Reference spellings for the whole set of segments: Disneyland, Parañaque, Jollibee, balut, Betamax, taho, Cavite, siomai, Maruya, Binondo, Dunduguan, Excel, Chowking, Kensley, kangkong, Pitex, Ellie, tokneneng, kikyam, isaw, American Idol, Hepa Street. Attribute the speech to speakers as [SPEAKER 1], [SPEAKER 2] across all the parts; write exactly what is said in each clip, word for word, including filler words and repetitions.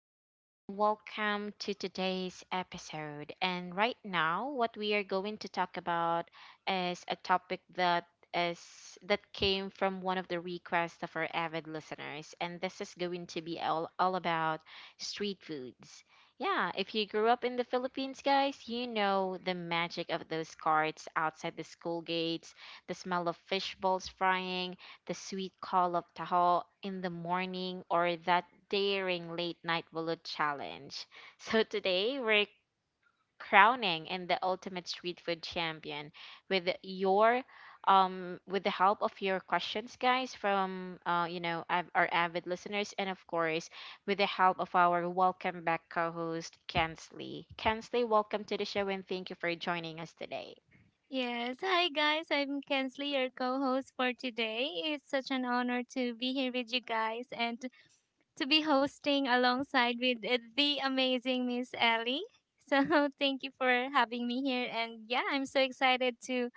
[SPEAKER 1] everyone, and welcome to today's episode. And right now, what we are going to talk about is a topic that is that came from one of the requests of our avid listeners, and this is going to be all, all about street foods. Yeah, if you grew up in the Philippines, guys, you know the magic of those carts outside the school gates, the smell of fish balls frying, the sweet call of taho in the morning, or that daring late night bullet challenge. So today we're crowning in the ultimate street food champion with your um with the help of your questions, guys, from uh you know av- our avid listeners, and of course with the help of our welcome back co-host Kensley. Kensley, welcome to the show and thank you for joining us today.
[SPEAKER 2] Yes. Hi, guys. I'm Kensley, your co host for today. It's such an honor to be here with you guys and to be hosting alongside with uh, the amazing Miss Ellie. So, thank you for having me here. And yeah, I'm so excited to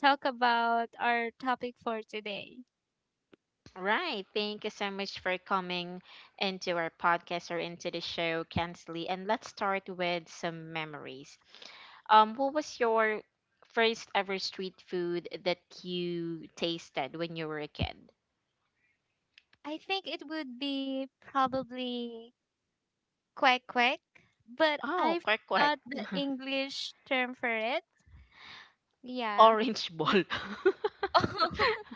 [SPEAKER 2] talk about our topic for today.
[SPEAKER 1] Right. Thank you so much for coming into our podcast or into the show, Kensley. And let's start with some memories. Um, what was your first ever street food that you tasted when you were a kid?
[SPEAKER 2] I think it would be probably quack quack, but
[SPEAKER 1] Oh,
[SPEAKER 2] I
[SPEAKER 1] quack quack.
[SPEAKER 2] forgot the English term for it. Yeah.
[SPEAKER 1] Orange ball.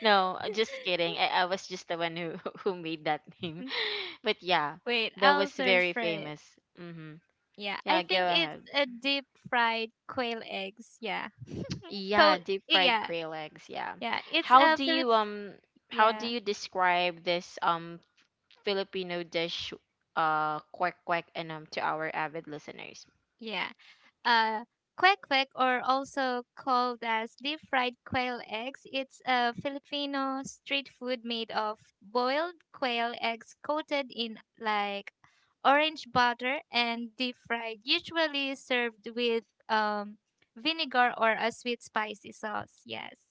[SPEAKER 1] No, just kidding. I, I was just the one who who made that name. But yeah,
[SPEAKER 2] Wait,
[SPEAKER 1] that
[SPEAKER 2] I'll
[SPEAKER 1] was
[SPEAKER 2] search
[SPEAKER 1] very
[SPEAKER 2] for it.
[SPEAKER 1] famous. Mm-hmm.
[SPEAKER 2] Yeah, I
[SPEAKER 1] Yeah, go
[SPEAKER 2] think it's
[SPEAKER 1] ahead.
[SPEAKER 2] a deep fried quail eggs. Yeah. Co
[SPEAKER 1] Yeah, deep fried
[SPEAKER 2] yeah.
[SPEAKER 1] quail eggs, yeah.
[SPEAKER 2] Yeah, it's
[SPEAKER 1] How
[SPEAKER 2] a
[SPEAKER 1] do
[SPEAKER 2] Philip
[SPEAKER 1] you um how do
[SPEAKER 2] yeah.
[SPEAKER 1] you describe this um Filipino dish, uh quack quack, and um to our avid listeners?
[SPEAKER 2] Yeah. Uh quack quack, or also called as deep fried quail eggs. It's a Filipino street food made of boiled quail eggs coated in like orange butter and deep fried, usually served with um vinegar or a sweet spicy sauce. Yes.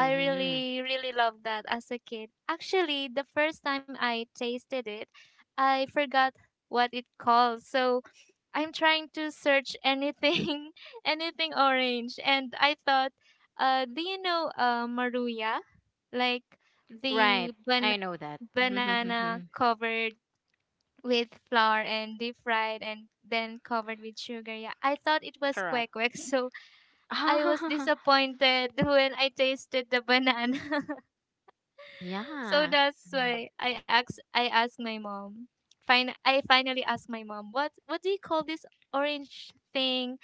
[SPEAKER 2] I really, really love that as a kid. Actually, the first time I tasted it, I forgot what it called. So I'm trying to search anything, anything orange. And I thought, uh, do you know uh, Maruya? Like
[SPEAKER 1] Right,
[SPEAKER 2] the
[SPEAKER 1] I
[SPEAKER 2] ban-
[SPEAKER 1] know that.
[SPEAKER 2] banana covered with flour and deep fried and then covered with sugar. Yeah, I thought it was
[SPEAKER 1] Correct.
[SPEAKER 2] kwek kwek. So I was disappointed when I tasted the banana. So
[SPEAKER 1] Yeah.
[SPEAKER 2] that's
[SPEAKER 1] Mm.
[SPEAKER 2] why I asked I asked my mom. Fin- I finally asked my mom, what what do you call this orange thing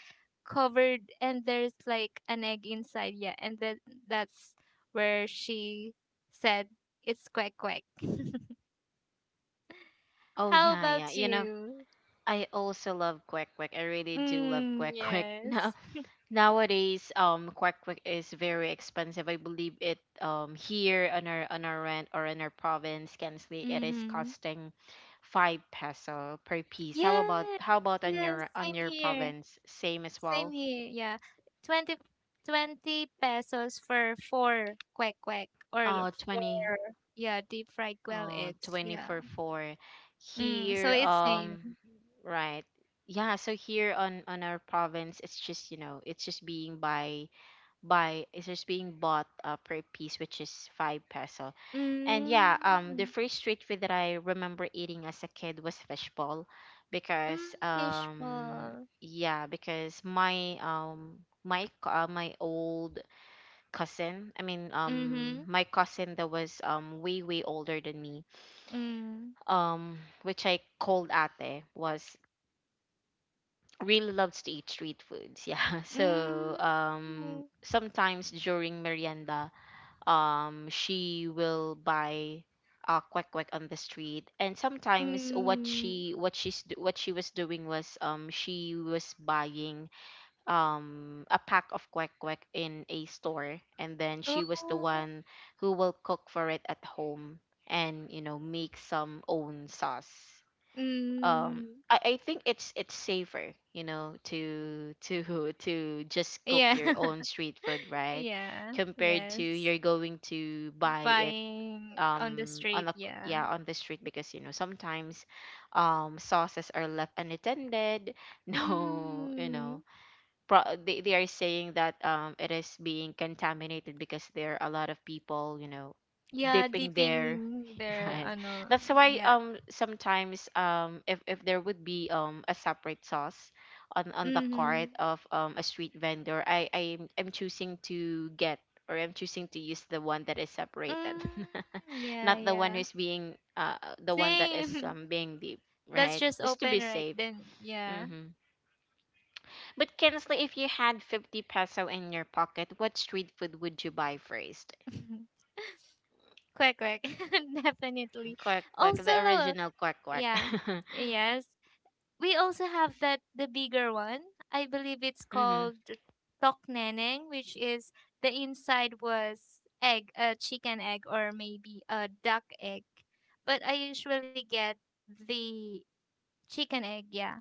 [SPEAKER 2] covered and there's like an egg inside, yeah. And then that's where she said it's quack quack.
[SPEAKER 1] Oh
[SPEAKER 2] How
[SPEAKER 1] yeah, yeah.
[SPEAKER 2] about
[SPEAKER 1] You know,
[SPEAKER 2] you?
[SPEAKER 1] I also love quack quack. I really do love quack
[SPEAKER 2] Mm,
[SPEAKER 1] quack.
[SPEAKER 2] yes.
[SPEAKER 1] Nowadays, um, Quack Quack is very expensive. I believe it, um here on our on our rent or in our province, Kensley, it is
[SPEAKER 2] Mm-hmm.
[SPEAKER 1] costing five peso per piece. How about
[SPEAKER 2] Yes.
[SPEAKER 1] how about on
[SPEAKER 2] Yes,
[SPEAKER 1] your
[SPEAKER 2] same
[SPEAKER 1] on your
[SPEAKER 2] here.
[SPEAKER 1] province? Same as
[SPEAKER 2] Same
[SPEAKER 1] well.
[SPEAKER 2] here. Yeah. Twenty, twenty pesos for four quack quack or
[SPEAKER 1] Uh, twenty
[SPEAKER 2] four, yeah, deep fried quail
[SPEAKER 1] uh
[SPEAKER 2] eggs.
[SPEAKER 1] twenty
[SPEAKER 2] Yeah.
[SPEAKER 1] for four.
[SPEAKER 2] Mm, so
[SPEAKER 1] Here,
[SPEAKER 2] it's same.
[SPEAKER 1] um, right. Yeah, so here on on our province, it's just you know it's just being by by it's just being bought uh, per piece, which is five peso. And yeah, um, the
[SPEAKER 2] Mm,
[SPEAKER 1] first street food that I remember eating as a kid was fishball,
[SPEAKER 2] mm,
[SPEAKER 1] because
[SPEAKER 2] fish
[SPEAKER 1] um,
[SPEAKER 2] ball.
[SPEAKER 1] yeah, because my um my co- uh, my old cousin, I mean um
[SPEAKER 2] Mm-hmm.
[SPEAKER 1] my cousin that was um way way older than me,
[SPEAKER 2] Mm.
[SPEAKER 1] um which I called Ate, was really loves to eat street foods. Yeah, so um
[SPEAKER 2] Mm.
[SPEAKER 1] sometimes during merienda um she will buy uh quack quack on the street, and sometimes what
[SPEAKER 2] Mm.
[SPEAKER 1] she what she's do- what she was doing was, um she was buying um a pack of quack quack in a store, and then she was the
[SPEAKER 2] Oh.
[SPEAKER 1] one who will cook for it at home and you know make some own sauce. um
[SPEAKER 2] Mm.
[SPEAKER 1] I, I think it's it's safer you know to to to just cook
[SPEAKER 2] Yeah.
[SPEAKER 1] your own street food, right,
[SPEAKER 2] Yeah.
[SPEAKER 1] compared to
[SPEAKER 2] Yes.
[SPEAKER 1] you're going to buy it
[SPEAKER 2] Buying on the
[SPEAKER 1] um on
[SPEAKER 2] street.
[SPEAKER 1] a
[SPEAKER 2] Yeah.
[SPEAKER 1] yeah on the street, because you know sometimes um sauces are left unattended, no you know
[SPEAKER 2] Mm.
[SPEAKER 1] pro- they, they are saying that um it is being contaminated because there are a lot of people you know
[SPEAKER 2] Yeah,
[SPEAKER 1] dipping there.
[SPEAKER 2] dipping their
[SPEAKER 1] Right,
[SPEAKER 2] ano,
[SPEAKER 1] that's why
[SPEAKER 2] yeah.
[SPEAKER 1] um sometimes, um if, if there would be um a separate sauce on on the cart
[SPEAKER 2] Mhm.
[SPEAKER 1] of um a street vendor, i i am choosing to get or I'm choosing to use the one that is separated.
[SPEAKER 2] Mm,
[SPEAKER 1] Not
[SPEAKER 2] yeah,
[SPEAKER 1] the one
[SPEAKER 2] yeah.
[SPEAKER 1] who's being uh the one that is
[SPEAKER 2] Same.
[SPEAKER 1] um being deep,
[SPEAKER 2] That's
[SPEAKER 1] right,
[SPEAKER 2] just
[SPEAKER 1] just to be
[SPEAKER 2] open right
[SPEAKER 1] safe.
[SPEAKER 2] then. Yeah.
[SPEAKER 1] Mm-hmm. But Kensley, if you had fifty peso in your pocket, what street food would you buy first?
[SPEAKER 2] Quick, quick. Definitely.
[SPEAKER 1] Quack quack, the
[SPEAKER 2] Also,
[SPEAKER 1] original quack quack.
[SPEAKER 2] yeah. Yes. We also have that the bigger one. I believe it's
[SPEAKER 1] Mm-hmm.
[SPEAKER 2] called tokneneng, which is the inside was egg, a chicken egg or maybe a duck egg. But I usually get the chicken egg, yeah,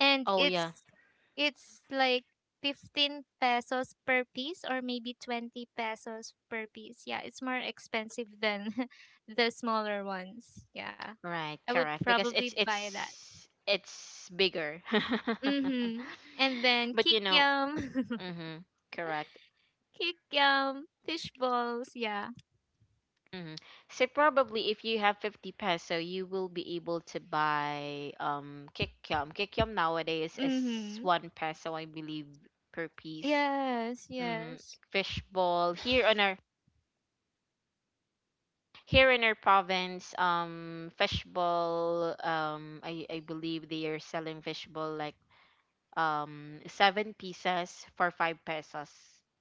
[SPEAKER 2] and
[SPEAKER 1] Oh yeah,
[SPEAKER 2] it's it's like fifteen pesos per piece or maybe twenty pesos per piece, yeah. It's more expensive than the smaller ones, yeah.
[SPEAKER 1] right,
[SPEAKER 2] I would
[SPEAKER 1] correct. Because
[SPEAKER 2] probably
[SPEAKER 1] it's
[SPEAKER 2] buy that.
[SPEAKER 1] it's it's bigger.
[SPEAKER 2] Mm-hmm. And then
[SPEAKER 1] But you know,
[SPEAKER 2] kikyam.
[SPEAKER 1] mm-hmm, correct.
[SPEAKER 2] Kikyam, fish balls, yeah.
[SPEAKER 1] Mm-hmm. So probably if you have fifty peso, you will be able to buy um kikyam. Kikyam nowadays is
[SPEAKER 2] Mm-hmm.
[SPEAKER 1] one peso, I believe, per piece.
[SPEAKER 2] Yes.
[SPEAKER 1] Mm-hmm.
[SPEAKER 2] Yes.
[SPEAKER 1] Fishball here on our here in our province, um, fishball. Um, I I believe they are selling fishball like um seven pieces for five pesos.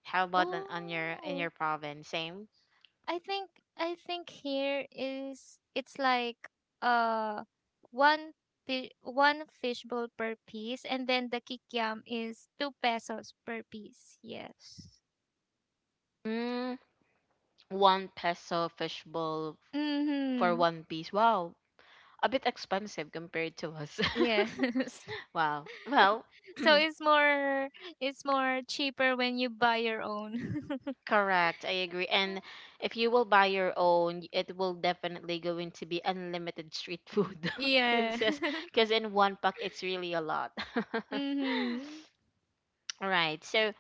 [SPEAKER 1] How about on, on your in
[SPEAKER 2] Oh,
[SPEAKER 1] your province? Same.
[SPEAKER 2] I think I think here is it's like uh one pi- one fishbowl per piece, and then the kikiam is two pesos per piece. Yes.
[SPEAKER 1] Mm, one peso fishbowl for
[SPEAKER 2] Mhm.
[SPEAKER 1] one piece. Wow, a bit expensive compared to us.
[SPEAKER 2] Yes.
[SPEAKER 1] Wow. Well,
[SPEAKER 2] So it's more, it's more cheaper when you buy your own.
[SPEAKER 1] correct. I agree. And if you will buy your own, it will definitely going to be unlimited street food.
[SPEAKER 2] Yeah.
[SPEAKER 1] Because in one pack, it's really a lot.
[SPEAKER 2] Mhm.
[SPEAKER 1] All right. So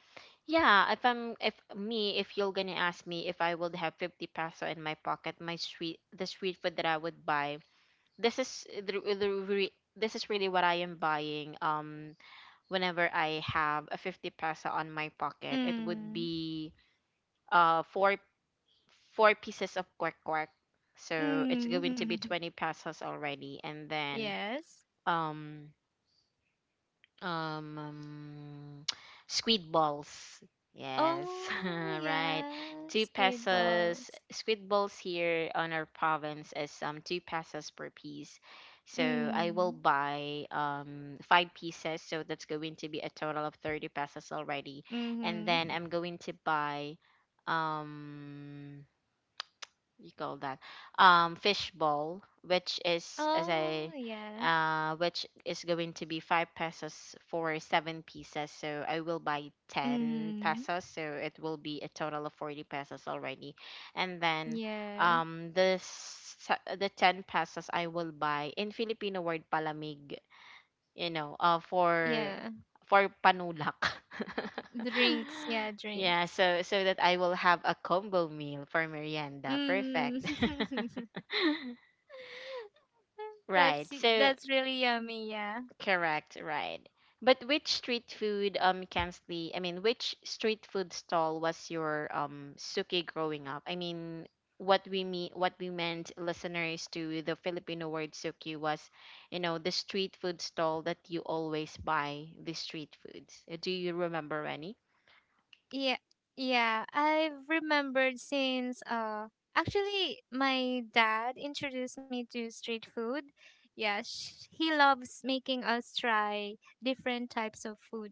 [SPEAKER 1] yeah, if I'm if me if you're gonna ask me, if I would have fifty peso in my pocket, my street the street food that I would buy, this is the, the re, this is really what I am buying. Um, whenever I have a fifty peso on my pocket, it would
[SPEAKER 2] Mm.
[SPEAKER 1] be uh four four pieces of quack quack. So it's going to
[SPEAKER 2] Mm.
[SPEAKER 1] be twenty pesos already, and then
[SPEAKER 2] Yes.
[SPEAKER 1] um um, um, squid balls. Yes,
[SPEAKER 2] Oh,
[SPEAKER 1] right.
[SPEAKER 2] yeah.
[SPEAKER 1] Two
[SPEAKER 2] Squid
[SPEAKER 1] pesos.
[SPEAKER 2] balls.
[SPEAKER 1] Squid balls here on our province is um two pesos per piece. So I will
[SPEAKER 2] Mm.
[SPEAKER 1] buy um five pieces. So that's going to be a total of thirty pesos already. And then
[SPEAKER 2] Mhm.
[SPEAKER 1] I'm going to buy um you call that um fishball, which is as
[SPEAKER 2] Oh,
[SPEAKER 1] I
[SPEAKER 2] yeah.
[SPEAKER 1] uh which is going to be five pesos for seven pieces, so I will buy ten
[SPEAKER 2] Mm.
[SPEAKER 1] pesos, so it will be a total of forty pesos already. And then
[SPEAKER 2] Yeah.
[SPEAKER 1] um this the ten pesos I will buy in Filipino word palamig, you know, uh for
[SPEAKER 2] Yeah.
[SPEAKER 1] for panulak.
[SPEAKER 2] Drinks, yeah,
[SPEAKER 1] Yeah,
[SPEAKER 2] drinks.
[SPEAKER 1] so so that I will have a combo meal for merienda. Perfect.
[SPEAKER 2] Mm. That's
[SPEAKER 1] Right. So
[SPEAKER 2] that's really yummy, yeah.
[SPEAKER 1] correct, right. But which street food, um Kansley, I mean which street food stall was your um suki growing up? I mean what we mean what we meant, listeners, to the Filipino word suki was, you know, the street food stall that you always buy the street foods. Uh, Do you remember any?
[SPEAKER 2] Yeah, yeah. I've remembered since uh actually my dad introduced me to street food. Yeah, sh- he loves making us try different types of food.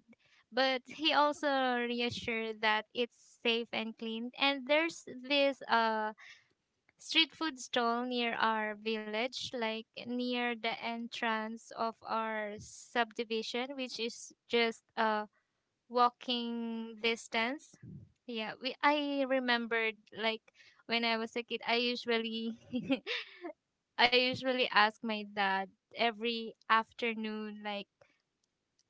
[SPEAKER 2] But he also reassured that it's safe and clean. And there's this uh street food stall near our village, like near the entrance of our subdivision, which is just uh walking distance. Yeah, we I remembered like when I was a kid, I usually I usually ask my dad every afternoon like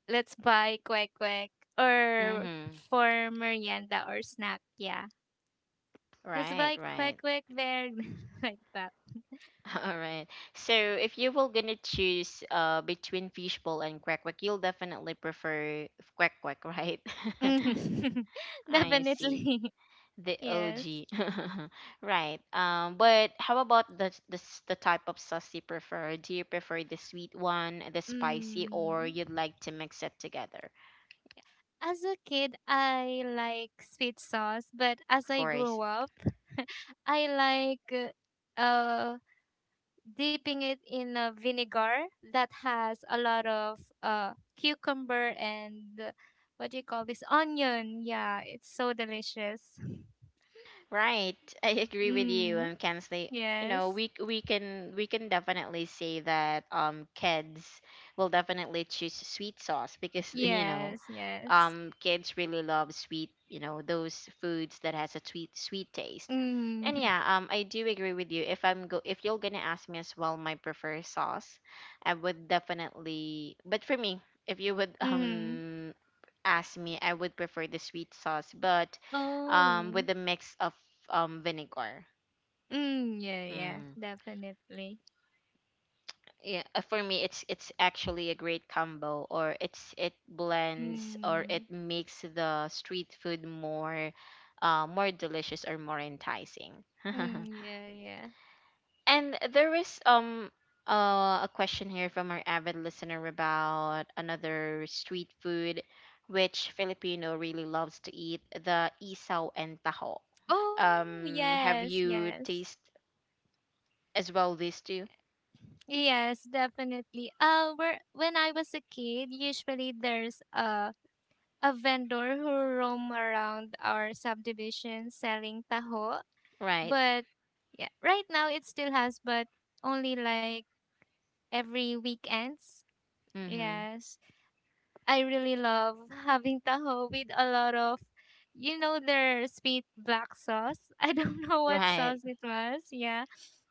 [SPEAKER 2] let's buy kwek kwek or
[SPEAKER 1] Mm-hmm.
[SPEAKER 2] for merienda or snack. Yeah. Let's
[SPEAKER 1] Right,
[SPEAKER 2] buy kwek
[SPEAKER 1] right.
[SPEAKER 2] kwek there like that.
[SPEAKER 1] All right. So if you were gonna choose uh between fishbowl and quack quack, you'll definitely prefer quack quack, right? I see.
[SPEAKER 2] Definitely.
[SPEAKER 1] The
[SPEAKER 2] Yes.
[SPEAKER 1] O G. Right. Um, but how about the, the s- the type of sauce you prefer? Do you prefer the sweet one, the spicy, or
[SPEAKER 2] Mm.
[SPEAKER 1] you'd like to mix it together?
[SPEAKER 2] As a kid, I like sweet sauce, but as
[SPEAKER 1] Of
[SPEAKER 2] I
[SPEAKER 1] course.
[SPEAKER 2] grew up, I like uh, uh, dipping it in a vinegar that has a lot of uh, cucumber and uh, what do you call this? Onion. Yeah, it's so delicious.
[SPEAKER 1] Right. I agree with you.
[SPEAKER 2] Mm,
[SPEAKER 1] Um, can say, you know,
[SPEAKER 2] yes,
[SPEAKER 1] we c- we can we can definitely say that um kids will definitely choose sweet sauce, because you know,
[SPEAKER 2] yes, yes.
[SPEAKER 1] um kids really love sweet, you know, those foods that has a sweet sweet taste. And
[SPEAKER 2] Mm,
[SPEAKER 1] yeah, um I do agree with you. If I'm go if you're gonna ask me as well my preferred sauce, I would definitely but for me, if you would
[SPEAKER 2] mm.
[SPEAKER 1] um asked me, I would prefer the sweet sauce, but um,
[SPEAKER 2] Oh,
[SPEAKER 1] with a mix of um, vinegar.
[SPEAKER 2] mm, yeah, yeah,
[SPEAKER 1] Mm.
[SPEAKER 2] definitely.
[SPEAKER 1] Yeah, uh, for me, it's it's actually a great combo, or it's it blends or
[SPEAKER 2] Mm,
[SPEAKER 1] it makes the street food more, uh, more delicious or more enticing.
[SPEAKER 2] mm, yeah, yeah.
[SPEAKER 1] And there is um uh, a question here from our avid listener about another street food, which Filipino really loves to eat, the isaw and taho.
[SPEAKER 2] Oh,
[SPEAKER 1] um have
[SPEAKER 2] yes,
[SPEAKER 1] you
[SPEAKER 2] yes.
[SPEAKER 1] taste as well these two?
[SPEAKER 2] Yes, definitely. Uh, where when I was a kid, usually there's a a vendor who roam around our subdivision selling taho.
[SPEAKER 1] Right.
[SPEAKER 2] But yeah, right now it still has, but only like every weekends.
[SPEAKER 1] Mm-hmm.
[SPEAKER 2] Yes, I really love having taho with a lot of, you know, their sweet black sauce. I don't know what
[SPEAKER 1] Right.
[SPEAKER 2] sauce it was. Yeah,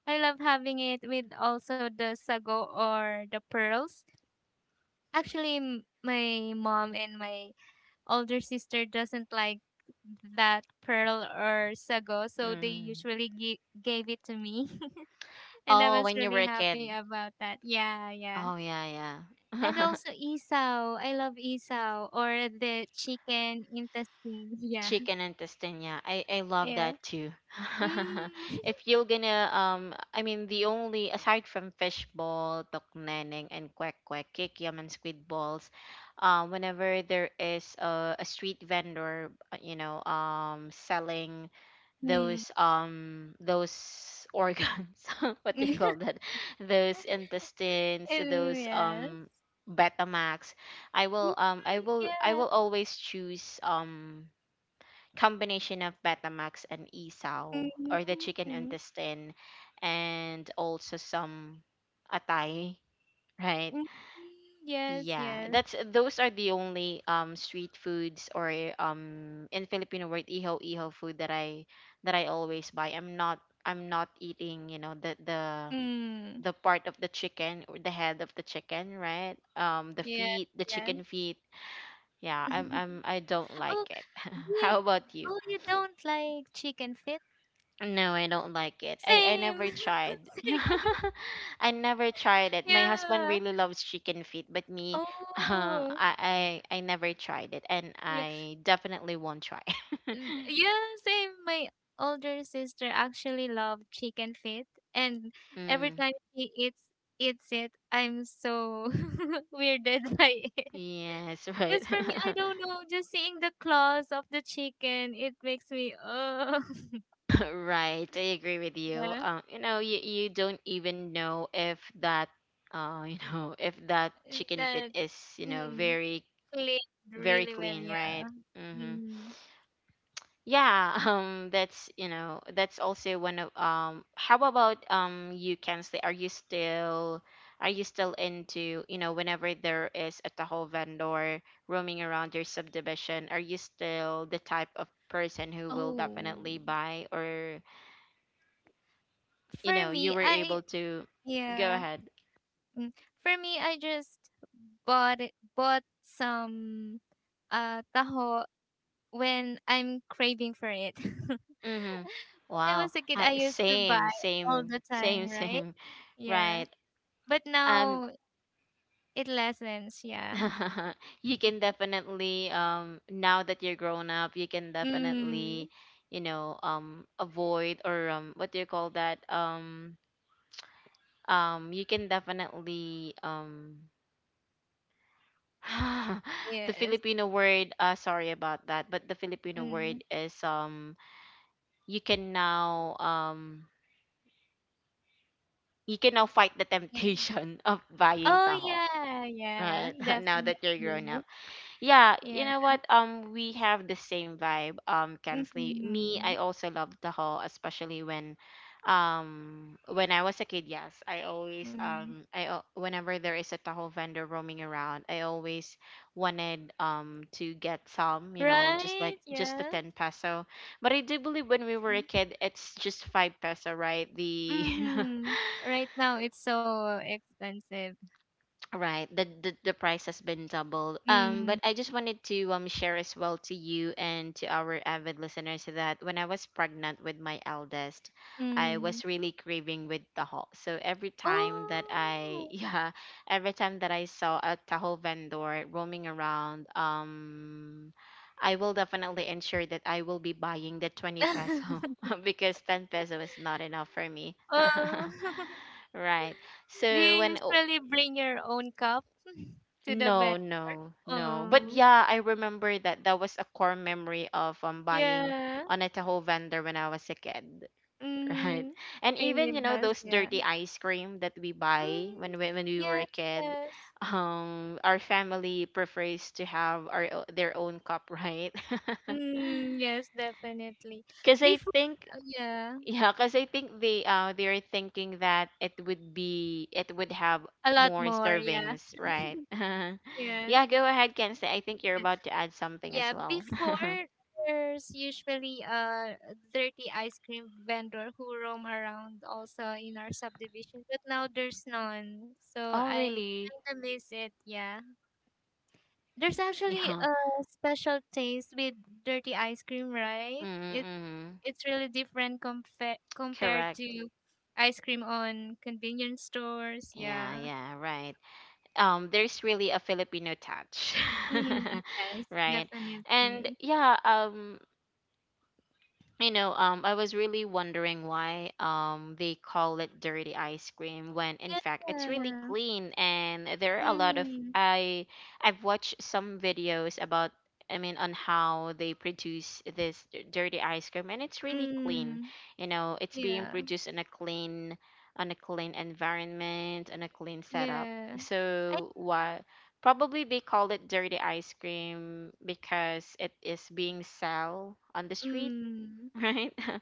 [SPEAKER 2] I love having it with also the sago or the pearls. Actually, m- my mom and my older sister doesn't like that pearl or sago, so they
[SPEAKER 1] Mm.
[SPEAKER 2] usually gi- gave it to me, and I
[SPEAKER 1] Oh,
[SPEAKER 2] was
[SPEAKER 1] when you were
[SPEAKER 2] really
[SPEAKER 1] a
[SPEAKER 2] happy
[SPEAKER 1] kid.
[SPEAKER 2] about that. Yeah, yeah.
[SPEAKER 1] Oh yeah, yeah.
[SPEAKER 2] And also isaw. I love isaw or the chicken intestine. Yeah,
[SPEAKER 1] Chicken intestine, yeah, i i love
[SPEAKER 2] yeah.
[SPEAKER 1] that too.
[SPEAKER 2] Mm.
[SPEAKER 1] If you're gonna um i mean the only, aside from fish ball, tokneneng and quack quack, kikiam and squid balls, uh, whenever there is a, a street vendor, uh, you know um selling
[SPEAKER 2] Mm.
[SPEAKER 1] those um those organs, what do you call that, those intestines, those
[SPEAKER 2] Yes.
[SPEAKER 1] um betamax, I will
[SPEAKER 2] Mm,
[SPEAKER 1] um i will I
[SPEAKER 2] yeah.
[SPEAKER 1] will always choose um combination of betamax and isaw or the chicken
[SPEAKER 2] Mm.
[SPEAKER 1] intestine, and also some atay, right?
[SPEAKER 2] Mm, yes,
[SPEAKER 1] Yeah,
[SPEAKER 2] yes.
[SPEAKER 1] that's those are the only um street foods or um in Filipino word iho iho food that I that I always buy. I'm not I'm not eating, you know, the the
[SPEAKER 2] Mm,
[SPEAKER 1] the part of the chicken or the head of the chicken, right? Um, the
[SPEAKER 2] yes,
[SPEAKER 1] feet, the
[SPEAKER 2] yes.
[SPEAKER 1] chicken feet. Yeah, I'm I'm I don't
[SPEAKER 2] Oh,
[SPEAKER 1] like it.
[SPEAKER 2] you,
[SPEAKER 1] How about you?
[SPEAKER 2] oh, you don't like chicken feet?
[SPEAKER 1] No, I don't like it. I, I
[SPEAKER 2] Same,
[SPEAKER 1] never tried.
[SPEAKER 2] same.
[SPEAKER 1] I never tried it. My
[SPEAKER 2] Yeah.
[SPEAKER 1] husband really loves chicken feet, but me, uh,
[SPEAKER 2] Oh,
[SPEAKER 1] I, I I never tried it, and
[SPEAKER 2] yeah.
[SPEAKER 1] I definitely won't try.
[SPEAKER 2] N- Yeah, same. My older sister actually loved chicken feet, and every
[SPEAKER 1] Mm,
[SPEAKER 2] time she eats eats it, I'm so weirded by it.
[SPEAKER 1] yes, right,
[SPEAKER 2] Because for me, I don't know, just seeing the claws of the chicken, it makes me, oh.
[SPEAKER 1] right. I agree with you.
[SPEAKER 2] Yeah,
[SPEAKER 1] Uh, you know, you you don't even know if that, uh, you know, if that
[SPEAKER 2] uh,
[SPEAKER 1] chicken feet
[SPEAKER 2] that
[SPEAKER 1] is you know
[SPEAKER 2] mm,
[SPEAKER 1] very
[SPEAKER 2] played
[SPEAKER 1] very
[SPEAKER 2] really well.
[SPEAKER 1] clean, right?
[SPEAKER 2] Yeah.
[SPEAKER 1] Mm-hmm.
[SPEAKER 2] Hmm.
[SPEAKER 1] Yeah, um, that's you know that's also one of um. How about um you can stay? Are you still are you still into, you know, whenever there is a Tahoe vendor roaming around your subdivision? Are you still the type of person who will
[SPEAKER 2] Oh,
[SPEAKER 1] definitely buy, or you
[SPEAKER 2] for
[SPEAKER 1] know you
[SPEAKER 2] me,
[SPEAKER 1] were
[SPEAKER 2] I
[SPEAKER 1] able to go
[SPEAKER 2] yeah.
[SPEAKER 1] ahead?
[SPEAKER 2] Mm, for me, I just bought it, bought some uh taho when I'm craving for it. When
[SPEAKER 1] Mm-hmm.
[SPEAKER 2] I was
[SPEAKER 1] Wow.
[SPEAKER 2] a kid, I
[SPEAKER 1] I
[SPEAKER 2] used to buy
[SPEAKER 1] same
[SPEAKER 2] all
[SPEAKER 1] same
[SPEAKER 2] the
[SPEAKER 1] same
[SPEAKER 2] time, right?
[SPEAKER 1] same.
[SPEAKER 2] Yeah.
[SPEAKER 1] Right.
[SPEAKER 2] But
[SPEAKER 1] Um.
[SPEAKER 2] now it lessens. Yeah.
[SPEAKER 1] You can definitely um now that you're grown up you can
[SPEAKER 2] Mm.
[SPEAKER 1] definitely you know um avoid or um what do you call that um um you can definitely um the
[SPEAKER 2] Yes.
[SPEAKER 1] Filipino word, uh sorry about that, but the Filipino
[SPEAKER 2] Mm.
[SPEAKER 1] word is um you can now um you can now fight the temptation of
[SPEAKER 2] Oh,
[SPEAKER 1] buying taho,
[SPEAKER 2] yeah, yeah,
[SPEAKER 1] right? Now that you're grown
[SPEAKER 2] definitely.
[SPEAKER 1] up. Yeah,
[SPEAKER 2] Yeah.
[SPEAKER 1] you know what? Um, we have the same vibe. Um, Kensley, me,
[SPEAKER 2] Mhm.
[SPEAKER 1] I also love Tahoe, especially when, um, when I was a kid. Yes, I always
[SPEAKER 2] Mm.
[SPEAKER 1] um, I al- whenever there is a Tahoe vendor roaming around, I always wanted um to get some. You know, just
[SPEAKER 2] Right,
[SPEAKER 1] like just the
[SPEAKER 2] yeah.
[SPEAKER 1] ten peso. But I do believe when we were a
[SPEAKER 2] Mm.
[SPEAKER 1] kid, it's just five peso, right? The
[SPEAKER 2] Mhm. Right now it's so expensive.
[SPEAKER 1] Right. The, the the price has been doubled. Um, but
[SPEAKER 2] Mm.
[SPEAKER 1] I just wanted to um share as well to you and to our avid listeners that when I was pregnant with my eldest, I
[SPEAKER 2] Mhm.
[SPEAKER 1] was really craving with taho. So every time that I
[SPEAKER 2] Oh.
[SPEAKER 1] yeah, every time that I saw a taho vendor roaming around, um I will definitely ensure that I will be buying the twenty peso because ten peso is not enough for me.
[SPEAKER 2] Oh.
[SPEAKER 1] Right.
[SPEAKER 2] Do
[SPEAKER 1] So
[SPEAKER 2] you
[SPEAKER 1] when
[SPEAKER 2] usually bring your own cup to the vendor?
[SPEAKER 1] no, no, no. But
[SPEAKER 2] Oh.
[SPEAKER 1] yeah, I remember that that was a core memory of um buying
[SPEAKER 2] Yeah.
[SPEAKER 1] on a Tahoe vendor when I was a kid, right?
[SPEAKER 2] Mhm.
[SPEAKER 1] And
[SPEAKER 2] Same
[SPEAKER 1] even you
[SPEAKER 2] with
[SPEAKER 1] know
[SPEAKER 2] us,
[SPEAKER 1] those
[SPEAKER 2] yeah.
[SPEAKER 1] dirty ice cream that we buy when
[SPEAKER 2] Mm.
[SPEAKER 1] we, when we were a
[SPEAKER 2] Yes,
[SPEAKER 1] kid,
[SPEAKER 2] yes.
[SPEAKER 1] um, our family prefers to have our o- their own cup, right?
[SPEAKER 2] Mm, yes, definitely.
[SPEAKER 1] Because I
[SPEAKER 2] Before,
[SPEAKER 1] think
[SPEAKER 2] uh, yeah,
[SPEAKER 1] yeah, because I think they uh they're thinking that it would be it would have
[SPEAKER 2] a lot
[SPEAKER 1] more
[SPEAKER 2] more. Yeah,
[SPEAKER 1] servings, right?
[SPEAKER 2] yes,
[SPEAKER 1] Yeah, go ahead, Kenzie. I think you're
[SPEAKER 2] yeah.
[SPEAKER 1] about to add something as
[SPEAKER 2] Yeah,
[SPEAKER 1] well.
[SPEAKER 2] before, there's usually a dirty ice cream vendor who roam around also in our subdivision, but now there's none. So
[SPEAKER 1] Oh,
[SPEAKER 2] I
[SPEAKER 1] really?
[SPEAKER 2] kind of miss it. Yeah, there's actually
[SPEAKER 1] Yeah.
[SPEAKER 2] a special taste with dirty ice cream, right? It,
[SPEAKER 1] Mm-mm.
[SPEAKER 2] it's really different compa compared
[SPEAKER 1] Correct.
[SPEAKER 2] to ice cream on convenience stores.
[SPEAKER 1] Yeah,
[SPEAKER 2] Yeah.
[SPEAKER 1] yeah, right. Um, there's really a Filipino touch,
[SPEAKER 2] Mm, yes,
[SPEAKER 1] right? And
[SPEAKER 2] definitely.
[SPEAKER 1] yeah, um, you know, um, I was really wondering why um they call it dirty ice cream when in fact it's really
[SPEAKER 2] Yeah.
[SPEAKER 1] clean, and there are a lot of
[SPEAKER 2] Mm,
[SPEAKER 1] I I've watched some videos about I mean on how they produce this d- dirty ice cream, and it's really clean.
[SPEAKER 2] mm,
[SPEAKER 1] You know, it's being
[SPEAKER 2] yeah,
[SPEAKER 1] produced in a clean on a clean environment and a clean setup.
[SPEAKER 2] yeah. I
[SPEAKER 1] So why probably they call it dirty ice cream because it is being sold on the street,
[SPEAKER 2] mm,
[SPEAKER 1] right?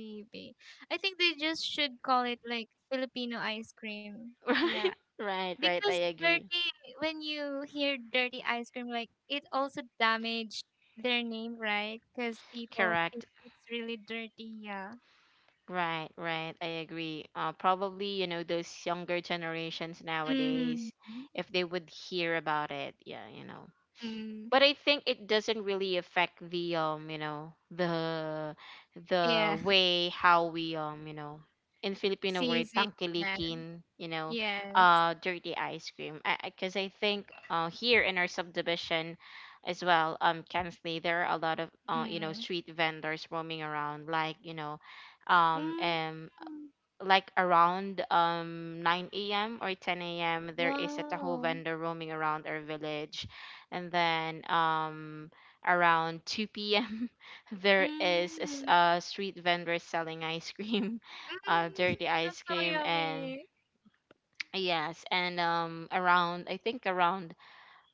[SPEAKER 2] maybe. I think they just should call it like Filipino ice cream. Yeah.
[SPEAKER 1] right, right, right.
[SPEAKER 2] Because
[SPEAKER 1] I agree.
[SPEAKER 2] dirty when you hear dirty ice cream like it also damaged their name, right? Cuz people
[SPEAKER 1] Correct.
[SPEAKER 2] think it's really dirty, yeah.
[SPEAKER 1] Right, right. I agree. Uh, probably, you know, those younger generations
[SPEAKER 2] Mm.
[SPEAKER 1] nowadays, if they would hear about it, yeah, you know,
[SPEAKER 2] Mm.
[SPEAKER 1] but I think it doesn't really affect the um you know the
[SPEAKER 2] Yeah.
[SPEAKER 1] the way how we um you know in Filipino
[SPEAKER 2] See,
[SPEAKER 1] word
[SPEAKER 2] see. Yeah.
[SPEAKER 1] tangkilikin, you know,
[SPEAKER 2] Yes.
[SPEAKER 1] uh dirty ice cream because I, because I 'cause I think uh here in our subdivision as well, um Kensley, there are a lot of uh you know
[SPEAKER 2] Mm.
[SPEAKER 1] street vendors roaming around, like you know um
[SPEAKER 2] Mm.
[SPEAKER 1] and like around um nine a m or ten a m there is a taho
[SPEAKER 2] Wow.
[SPEAKER 1] vendor roaming around our village, and then um around two p m there is a, s-
[SPEAKER 2] Mm.
[SPEAKER 1] a street vendor selling ice cream, uh
[SPEAKER 2] Mm.
[SPEAKER 1] dirty
[SPEAKER 2] That's
[SPEAKER 1] ice
[SPEAKER 2] so
[SPEAKER 1] cream, and
[SPEAKER 2] yummy.
[SPEAKER 1] yes, and um around I think around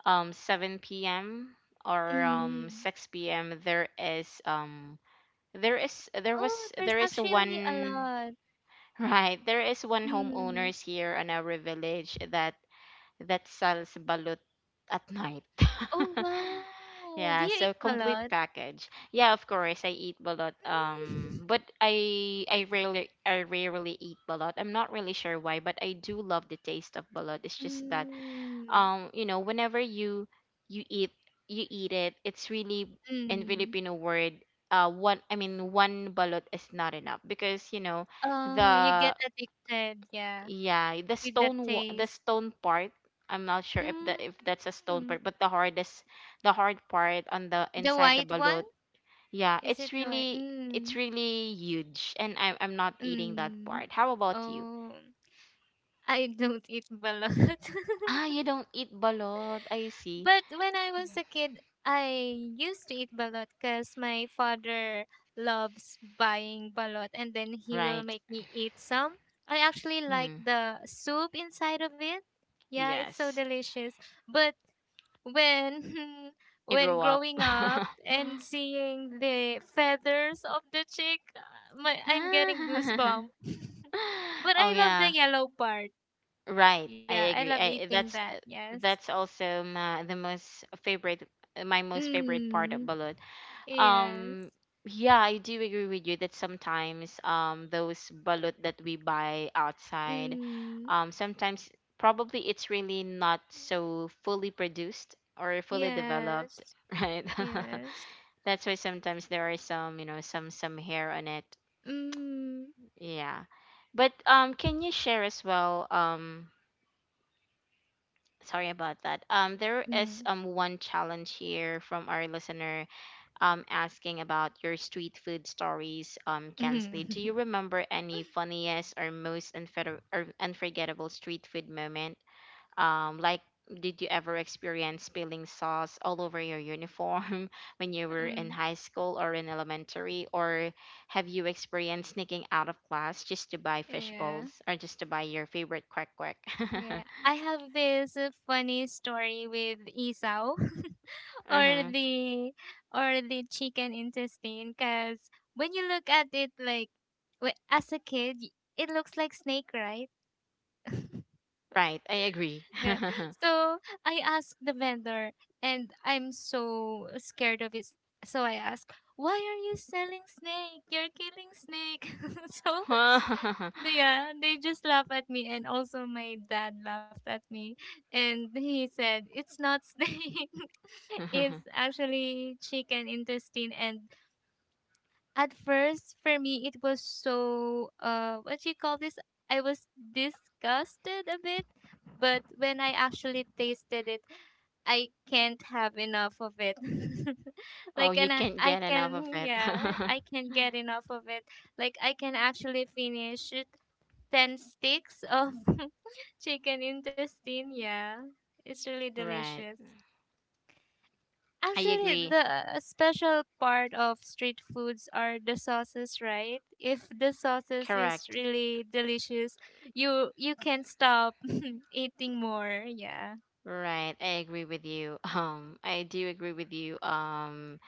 [SPEAKER 1] um seven p m or um
[SPEAKER 2] Mm.
[SPEAKER 1] six p m there is um there is there
[SPEAKER 2] Oh,
[SPEAKER 1] was
[SPEAKER 2] there's
[SPEAKER 1] there is
[SPEAKER 2] actually a
[SPEAKER 1] one.
[SPEAKER 2] lot.
[SPEAKER 1] Right. There is one
[SPEAKER 2] Mm.
[SPEAKER 1] homeowners here in our village that that sells balut at night.
[SPEAKER 2] Oh, wow. Do
[SPEAKER 1] Yeah,
[SPEAKER 2] you eat
[SPEAKER 1] so
[SPEAKER 2] a
[SPEAKER 1] complete
[SPEAKER 2] lot?
[SPEAKER 1] package. Yeah, of course I eat balut.
[SPEAKER 2] Mm.
[SPEAKER 1] Um, but I I rarely I rarely eat balut. I'm not really sure why, but I do love the taste of balut. It's just that
[SPEAKER 2] Mm.
[SPEAKER 1] um, you know, whenever you you eat you eat it, it's really in
[SPEAKER 2] Mm.
[SPEAKER 1] Filipino word, uh one, I mean, one balut is not enough because you know
[SPEAKER 2] Oh, you get
[SPEAKER 1] the
[SPEAKER 2] addicted, yeah,
[SPEAKER 1] yeah, the
[SPEAKER 2] with that
[SPEAKER 1] stone wa- the
[SPEAKER 2] taste.
[SPEAKER 1] stone part. I'm not sure if the if that's a stone
[SPEAKER 2] Mm.
[SPEAKER 1] part, but the hardest the hard part on the
[SPEAKER 2] The
[SPEAKER 1] inside the
[SPEAKER 2] white one?
[SPEAKER 1] balut. Yeah,
[SPEAKER 2] Is
[SPEAKER 1] it's
[SPEAKER 2] it the white?
[SPEAKER 1] really it's
[SPEAKER 2] Mm.
[SPEAKER 1] really huge, and I am I'm not eating that
[SPEAKER 2] Mm.
[SPEAKER 1] part. How about you?
[SPEAKER 2] Oh, I don't eat balut.
[SPEAKER 1] Ah, you don't eat balot. I see.
[SPEAKER 2] But when I was a kid, I used to eat balot because my father loves buying balot and then he will
[SPEAKER 1] Right.
[SPEAKER 2] make me eat some. I actually like
[SPEAKER 1] Hmm.
[SPEAKER 2] the soup inside of it. Yeah, it's so
[SPEAKER 1] Yes.
[SPEAKER 2] delicious. But when
[SPEAKER 1] You
[SPEAKER 2] when
[SPEAKER 1] grow up.
[SPEAKER 2] growing up and seeing the feathers of the chick, uh, my I'm getting goosebumps. But
[SPEAKER 1] Oh
[SPEAKER 2] I love the
[SPEAKER 1] yeah.
[SPEAKER 2] yellow part.
[SPEAKER 1] Right,
[SPEAKER 2] Yeah,
[SPEAKER 1] I
[SPEAKER 2] I love
[SPEAKER 1] agree. I eh,
[SPEAKER 2] eating
[SPEAKER 1] that's
[SPEAKER 2] that.
[SPEAKER 1] uh,
[SPEAKER 2] Yes.
[SPEAKER 1] that's also my the most favorite eh, my most favorite part of
[SPEAKER 2] Mm.
[SPEAKER 1] balut.
[SPEAKER 2] Yes.
[SPEAKER 1] Um yeah, I do agree with you that sometimes um those balut that we buy outside
[SPEAKER 2] Mm,
[SPEAKER 1] um sometimes probably it's really not so fully produced or fully
[SPEAKER 2] yes,
[SPEAKER 1] developed, right?
[SPEAKER 2] yes.
[SPEAKER 1] That's why sometimes there are some, you know, some some hair on it.
[SPEAKER 2] Mm,
[SPEAKER 1] Yeah. But um can you share as well um sorry about that. Um, there is
[SPEAKER 2] mm,
[SPEAKER 1] um one challenge here from our listener um asking about your street food stories. Um, Kensley,
[SPEAKER 2] mm,
[SPEAKER 1] do you remember any funniest or most unfor- or unforgettable street food moment? Um, like did you ever experience spilling sauce all over your uniform when you were in high school or in elementary, or have you experienced sneaking out of class just to buy fish
[SPEAKER 2] yeah,
[SPEAKER 1] balls or just to buy your favorite quack quack? Uh-huh.
[SPEAKER 2] yeah. I have this uh, funny story with Esau or the or the chicken intestine because when you look at it like w- as a kid, y- it looks like snake, right?
[SPEAKER 1] Right, I agree.
[SPEAKER 2] Yeah. So I asked the vendor, and I'm so scared of it. So I asked, "Why are you selling snake? You're killing snake." So they, yeah, they just laugh at me, and also my dad laughed at me, and he said, "It's not snake. It's actually chicken intestine, and at first for me it was so uh what you call this, I was disgusted a bit, but when I actually tasted it, I can't have enough of it.
[SPEAKER 1] Oh,
[SPEAKER 2] Like,
[SPEAKER 1] you
[SPEAKER 2] and I,
[SPEAKER 1] can't
[SPEAKER 2] I
[SPEAKER 1] get enough of
[SPEAKER 2] can
[SPEAKER 1] it.
[SPEAKER 2] yeah I can get enough of it, like I can actually finish it, ten sticks of chicken intestine, yeah, it's really
[SPEAKER 1] Right.
[SPEAKER 2] delicious.
[SPEAKER 1] I
[SPEAKER 2] Actually, the
[SPEAKER 1] agree.
[SPEAKER 2] uh, special part of street foods are the sauces, right? If the sauces is
[SPEAKER 1] Correct.
[SPEAKER 2] really delicious, you you can stop eating more. Yeah.
[SPEAKER 1] Right. I agree with you. Um, I do agree with you. Um,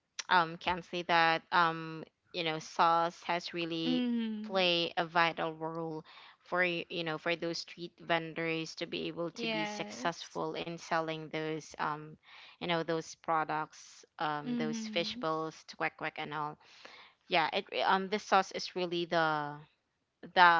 [SPEAKER 1] um, can say that um, you know, sauce has really
[SPEAKER 2] Mhm.
[SPEAKER 1] play a vital role for y- you know for those street vendors to be able to be
[SPEAKER 2] Yes.
[SPEAKER 1] successful in selling those um you know those products, um those fish
[SPEAKER 2] Mhm.
[SPEAKER 1] balls, quack quack, and all. Yeah, it re- um the sauce is really the the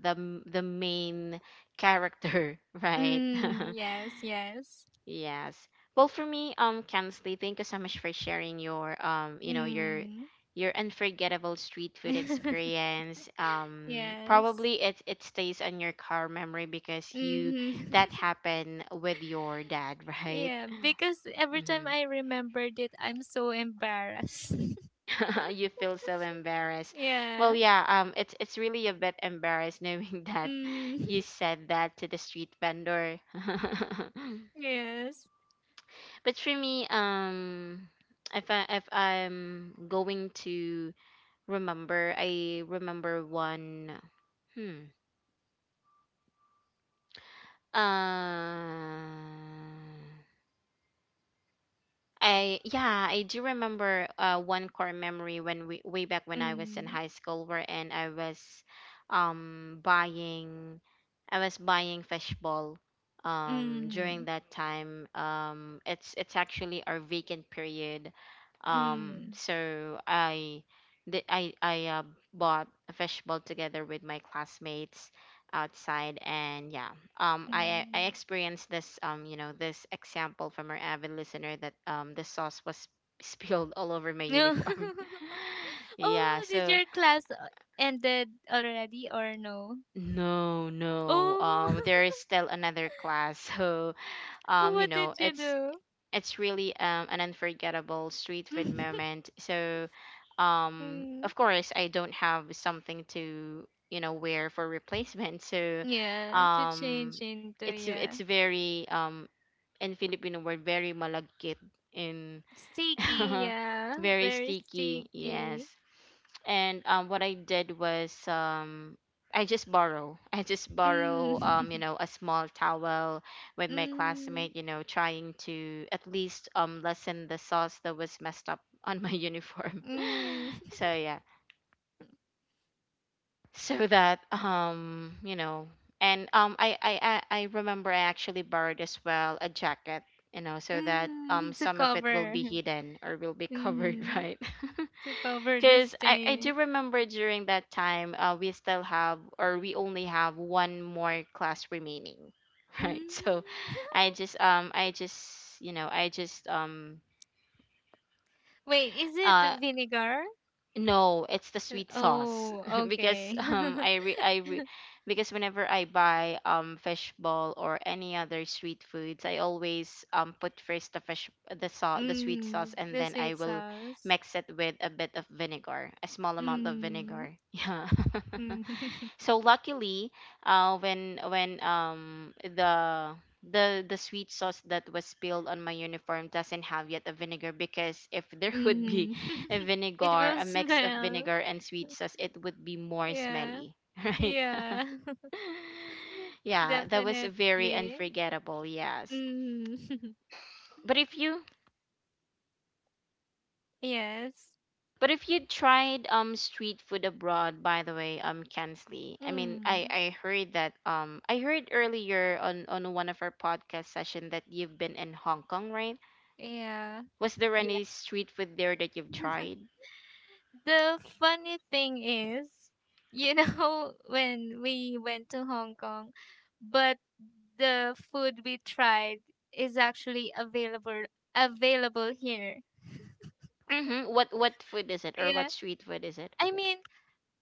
[SPEAKER 1] the m- the main character, right?
[SPEAKER 2] Mm, yes, yes.
[SPEAKER 1] Yes. Well, for me, um, Kansley, thank you so much for sharing your um, you know, your
[SPEAKER 2] Mm.
[SPEAKER 1] your unforgettable street food experience. Um,
[SPEAKER 2] Yes.
[SPEAKER 1] probably it it stays on your car memory because you that
[SPEAKER 2] Mhm.
[SPEAKER 1] happened with your dad, right?
[SPEAKER 2] Yeah, because every time
[SPEAKER 1] Mm-hmm.
[SPEAKER 2] I remembered it, I'm so embarrassed.
[SPEAKER 1] You feel so embarrassed. Well,
[SPEAKER 2] Yeah.
[SPEAKER 1] yeah, um, it's it's really a bit embarrassed knowing that
[SPEAKER 2] Mm.
[SPEAKER 1] you said that to the street vendor.
[SPEAKER 2] Yes.
[SPEAKER 1] But for me, um, if I if I'm going to remember, I remember one. Hmm. Uh, I yeah, I do remember uh, one core memory when we way back when I was in
[SPEAKER 2] Mm,
[SPEAKER 1] high school, wherein I was um buying I was buying fishball um
[SPEAKER 2] mm,
[SPEAKER 1] during that time. Um, it's it's actually our vacant period. Um,
[SPEAKER 2] mm,
[SPEAKER 1] so I did I I uh, bought a fishball together with my classmates outside, and yeah um i i I
[SPEAKER 2] mm.
[SPEAKER 1] experienced this um you know this example from our avid listener that um the sauce was spilled all over my
[SPEAKER 2] No.
[SPEAKER 1] uniform yeah
[SPEAKER 2] Oh, did
[SPEAKER 1] so
[SPEAKER 2] your class uh, ended already or no?
[SPEAKER 1] no no
[SPEAKER 2] Oh,
[SPEAKER 1] um there is still another class so
[SPEAKER 2] what
[SPEAKER 1] um you
[SPEAKER 2] did
[SPEAKER 1] know
[SPEAKER 2] you
[SPEAKER 1] it's
[SPEAKER 2] do?
[SPEAKER 1] it's really um, an unforgettable street food moment. So, um,
[SPEAKER 2] Mm,
[SPEAKER 1] of course, I don't have something to you know wear for replacement. So,
[SPEAKER 2] yeah, to change
[SPEAKER 1] um,
[SPEAKER 2] into
[SPEAKER 1] it's
[SPEAKER 2] yeah.
[SPEAKER 1] it's very um in Filipino word very malagkit in
[SPEAKER 2] Sticky, yeah,
[SPEAKER 1] very
[SPEAKER 2] very
[SPEAKER 1] sticky. Yes,
[SPEAKER 2] sticky.
[SPEAKER 1] and um, what I did was um, I just borrow. I just borrow,
[SPEAKER 2] Mm.
[SPEAKER 1] um, you know, a small towel with my
[SPEAKER 2] Mm.
[SPEAKER 1] classmate. You know, trying to at least um, lessen the sauce that was messed up on my uniform.
[SPEAKER 2] Mm.
[SPEAKER 1] So yeah, so that um, you know, and um, I I I I remember I actually borrowed as well a jacket. You know, so that
[SPEAKER 2] Mm.
[SPEAKER 1] um,
[SPEAKER 2] To
[SPEAKER 1] some of it will
[SPEAKER 2] cover.
[SPEAKER 1] be hidden or will be covered,
[SPEAKER 2] Mm.
[SPEAKER 1] right?
[SPEAKER 2] To cover the
[SPEAKER 1] Because I, I
[SPEAKER 2] stain.
[SPEAKER 1] do remember during that time, uh, we still have, or we only have one more class remaining, right? So
[SPEAKER 2] Mm.
[SPEAKER 1] I just, um, I just, you know, I just, um,
[SPEAKER 2] Wait, is it
[SPEAKER 1] uh,
[SPEAKER 2] vinegar?
[SPEAKER 1] No, it's the
[SPEAKER 2] Uh,
[SPEAKER 1] sweet sauce
[SPEAKER 2] Oh,
[SPEAKER 1] because
[SPEAKER 2] okay.
[SPEAKER 1] um I re I re because whenever I buy um fishball or any other sweet foods, I always um put first the fish the sauce the sweet
[SPEAKER 2] Mm,
[SPEAKER 1] sauce, and
[SPEAKER 2] the
[SPEAKER 1] then I
[SPEAKER 2] sweet
[SPEAKER 1] will
[SPEAKER 2] sauce.
[SPEAKER 1] mix it with a bit of vinegar, a small amount of
[SPEAKER 2] Mm,
[SPEAKER 1] vinegar. Yeah,
[SPEAKER 2] mm,
[SPEAKER 1] so luckily uh when when um the the the sweet sauce that was spilled on my uniform doesn't have yet a vinegar, because if there would be
[SPEAKER 2] mm.
[SPEAKER 1] a
[SPEAKER 2] It
[SPEAKER 1] vinegar
[SPEAKER 2] will
[SPEAKER 1] a mix of
[SPEAKER 2] smell.
[SPEAKER 1] vinegar and sweet sauce it would be more
[SPEAKER 2] Yeah,
[SPEAKER 1] smelly right
[SPEAKER 2] yeah,
[SPEAKER 1] yeah that was very
[SPEAKER 2] definitely.
[SPEAKER 1] unforgettable, yes,
[SPEAKER 2] Mm.
[SPEAKER 1] but if you
[SPEAKER 2] Yes.
[SPEAKER 1] but if you tried um street food abroad, by the way, um Kensley, I mean I
[SPEAKER 2] Mm.
[SPEAKER 1] I heard that um I heard earlier on on one of our podcast session that you've been in Hong Kong, right?
[SPEAKER 2] Yeah.
[SPEAKER 1] Was there any street food there that you've tried?
[SPEAKER 2] The funny thing is, you know, when we went to Hong Kong, but the food we tried is actually available available here.
[SPEAKER 1] Mm-hmm. What what food is it, or
[SPEAKER 2] Yeah.
[SPEAKER 1] what street food is it?
[SPEAKER 2] I mean,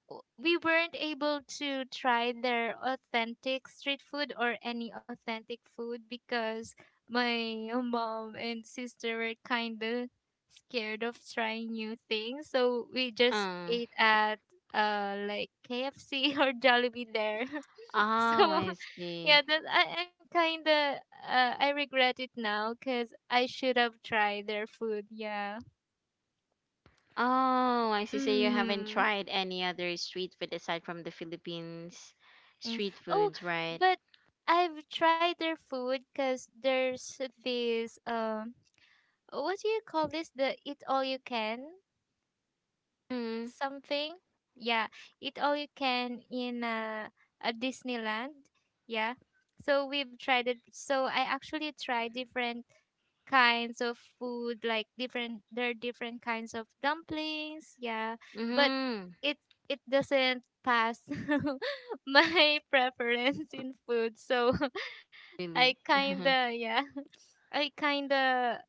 [SPEAKER 2] w- we weren't able to try their authentic street food or any authentic food because my mom and sister were kind of scared of trying new things, so we just
[SPEAKER 1] Oh,
[SPEAKER 2] ate at uh like K F C or Jollibee there.
[SPEAKER 1] oh,
[SPEAKER 2] So
[SPEAKER 1] I see.
[SPEAKER 2] yeah, that I, I'm kind of uh, I regret it now cuz I should have tried their food. Yeah,
[SPEAKER 1] Oh, I see. So you haven't
[SPEAKER 2] mhm.
[SPEAKER 1] tried any other street food aside from the Philippines
[SPEAKER 2] Mm.
[SPEAKER 1] street
[SPEAKER 2] Oh,
[SPEAKER 1] foods, right?
[SPEAKER 2] but I've tried their food because there's this um, oh, what do you call this? The eat all you can
[SPEAKER 1] Mm-hmm.
[SPEAKER 2] something? Yeah, eat all you can in uh, a Disneyland. Yeah, so we've tried it. So I actually tried different kinds of food, like different there are different kinds of dumplings. Yeah, but
[SPEAKER 1] Mm-hmm.
[SPEAKER 2] it it doesn't pass my preference in food. So I
[SPEAKER 1] Really?
[SPEAKER 2] kinda, yeah, I kinda